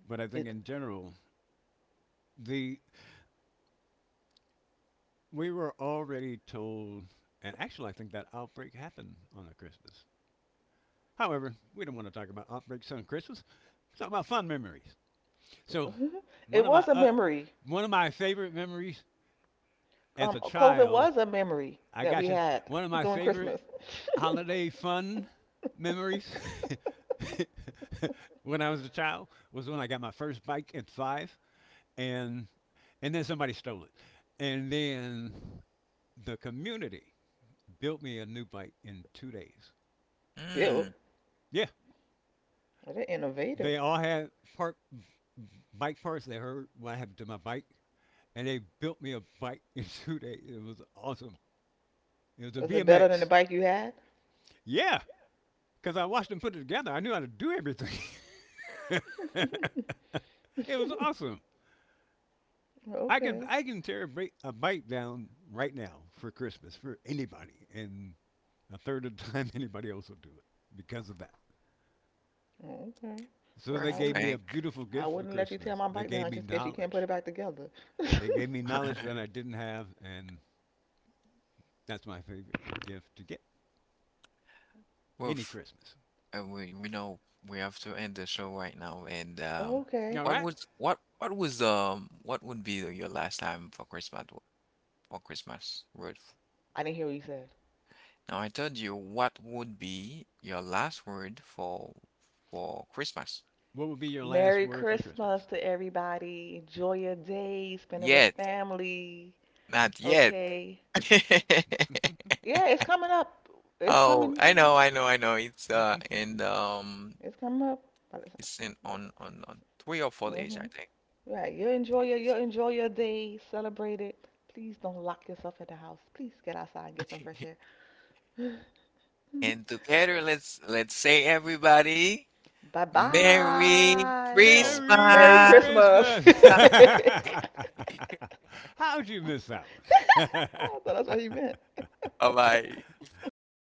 [SPEAKER 3] but I think
[SPEAKER 2] It
[SPEAKER 3] in general, the we were already told, and actually I think that outbreak happened on a Christmas. However, we don't want to talk about outbreaks on Christmas. We're talking about fun memories. So
[SPEAKER 2] (laughs)
[SPEAKER 3] one
[SPEAKER 2] it
[SPEAKER 3] of my
[SPEAKER 2] was a memory.
[SPEAKER 3] favorite memories as a
[SPEAKER 2] COVID
[SPEAKER 3] child,
[SPEAKER 2] was a memory
[SPEAKER 3] I
[SPEAKER 2] that
[SPEAKER 3] got
[SPEAKER 2] we
[SPEAKER 3] you.
[SPEAKER 2] had
[SPEAKER 3] One of my
[SPEAKER 2] during
[SPEAKER 3] favorite
[SPEAKER 2] Christmas.
[SPEAKER 3] holiday fun memories (laughs) when I was a child was when I got my first bike at five, and and then somebody stole it, and then the community built me a new bike in 2 days.
[SPEAKER 2] (laughs) Built.
[SPEAKER 1] Mm,
[SPEAKER 3] Yeah,
[SPEAKER 2] Well, they're innovative.
[SPEAKER 3] they all had part bike parts. They heard what happened to my bike, and they built me a bike in (laughs) 2 days. It was awesome. It was a
[SPEAKER 2] Was it better than the
[SPEAKER 3] BMX.
[SPEAKER 2] bike you had?
[SPEAKER 3] Yeah, because I watched them put it together. I knew how to do everything. (laughs) It was awesome.
[SPEAKER 2] Okay.
[SPEAKER 3] I can tear a, break, a bike down right now for Christmas for anybody, and a third of the time (laughs) anybody else will do it because of that.
[SPEAKER 2] Okay.
[SPEAKER 3] So
[SPEAKER 2] Well,
[SPEAKER 3] they
[SPEAKER 2] I
[SPEAKER 3] gave me
[SPEAKER 2] wouldn't.
[SPEAKER 3] a
[SPEAKER 1] perfect.
[SPEAKER 3] beautiful
[SPEAKER 2] I
[SPEAKER 3] gift for
[SPEAKER 2] wouldn't let you tear
[SPEAKER 3] Christmas.
[SPEAKER 2] my
[SPEAKER 3] They
[SPEAKER 2] bike
[SPEAKER 3] gave
[SPEAKER 2] down
[SPEAKER 3] me
[SPEAKER 2] just in case you can't put it
[SPEAKER 3] knowledge.
[SPEAKER 2] back together.
[SPEAKER 3] They gave me knowledge that I
[SPEAKER 1] (laughs)
[SPEAKER 3] didn't have, and that's my favorite gift to get any
[SPEAKER 1] Woof.
[SPEAKER 3] Christmas.
[SPEAKER 1] We know we have to end the show right now. And
[SPEAKER 2] Okay.
[SPEAKER 3] All right.
[SPEAKER 1] what was what would be the- your last time for Christmas w- for Christmas, Ruth?
[SPEAKER 2] I didn't hear what you said.
[SPEAKER 1] Now I told you what would be your last word for Christmas.
[SPEAKER 3] What would be your last
[SPEAKER 2] Merry
[SPEAKER 3] word for
[SPEAKER 2] Christmas
[SPEAKER 3] Christmas?
[SPEAKER 2] to everybody. Enjoy your day. Spend it with
[SPEAKER 1] Yet,
[SPEAKER 2] family.
[SPEAKER 1] not yet.
[SPEAKER 2] Okay.
[SPEAKER 1] (laughs)
[SPEAKER 2] Yeah, it's coming up. It's
[SPEAKER 1] Oh,
[SPEAKER 2] coming.
[SPEAKER 1] I know, I know, I know. It's
[SPEAKER 3] (laughs)
[SPEAKER 1] and
[SPEAKER 2] It's coming up by the
[SPEAKER 1] it's in
[SPEAKER 2] time.
[SPEAKER 1] on 3 or 4 days,
[SPEAKER 2] Mm-hmm.
[SPEAKER 1] I think.
[SPEAKER 2] Right. you enjoy
[SPEAKER 1] four
[SPEAKER 2] your you
[SPEAKER 1] days.
[SPEAKER 2] enjoy your day. Celebrate it. Please don't lock yourself in the house. Please get outside and get some fresh air.
[SPEAKER 1] (laughs)
[SPEAKER 2] (laughs)
[SPEAKER 1] And together, let's say everybody,
[SPEAKER 2] Bye
[SPEAKER 1] Merry
[SPEAKER 2] bye. Oh, Merry
[SPEAKER 3] Merry
[SPEAKER 1] Christmas! (laughs)
[SPEAKER 2] Christmas.
[SPEAKER 3] Christmas!
[SPEAKER 2] (laughs)
[SPEAKER 1] Bye
[SPEAKER 2] I
[SPEAKER 3] (laughs)
[SPEAKER 1] bye. (laughs)
[SPEAKER 3] How'd you miss that one?
[SPEAKER 2] thought
[SPEAKER 3] (laughs)
[SPEAKER 2] that's what he meant.
[SPEAKER 1] Bye bye.
[SPEAKER 3] Bye bye.
[SPEAKER 2] (laughs)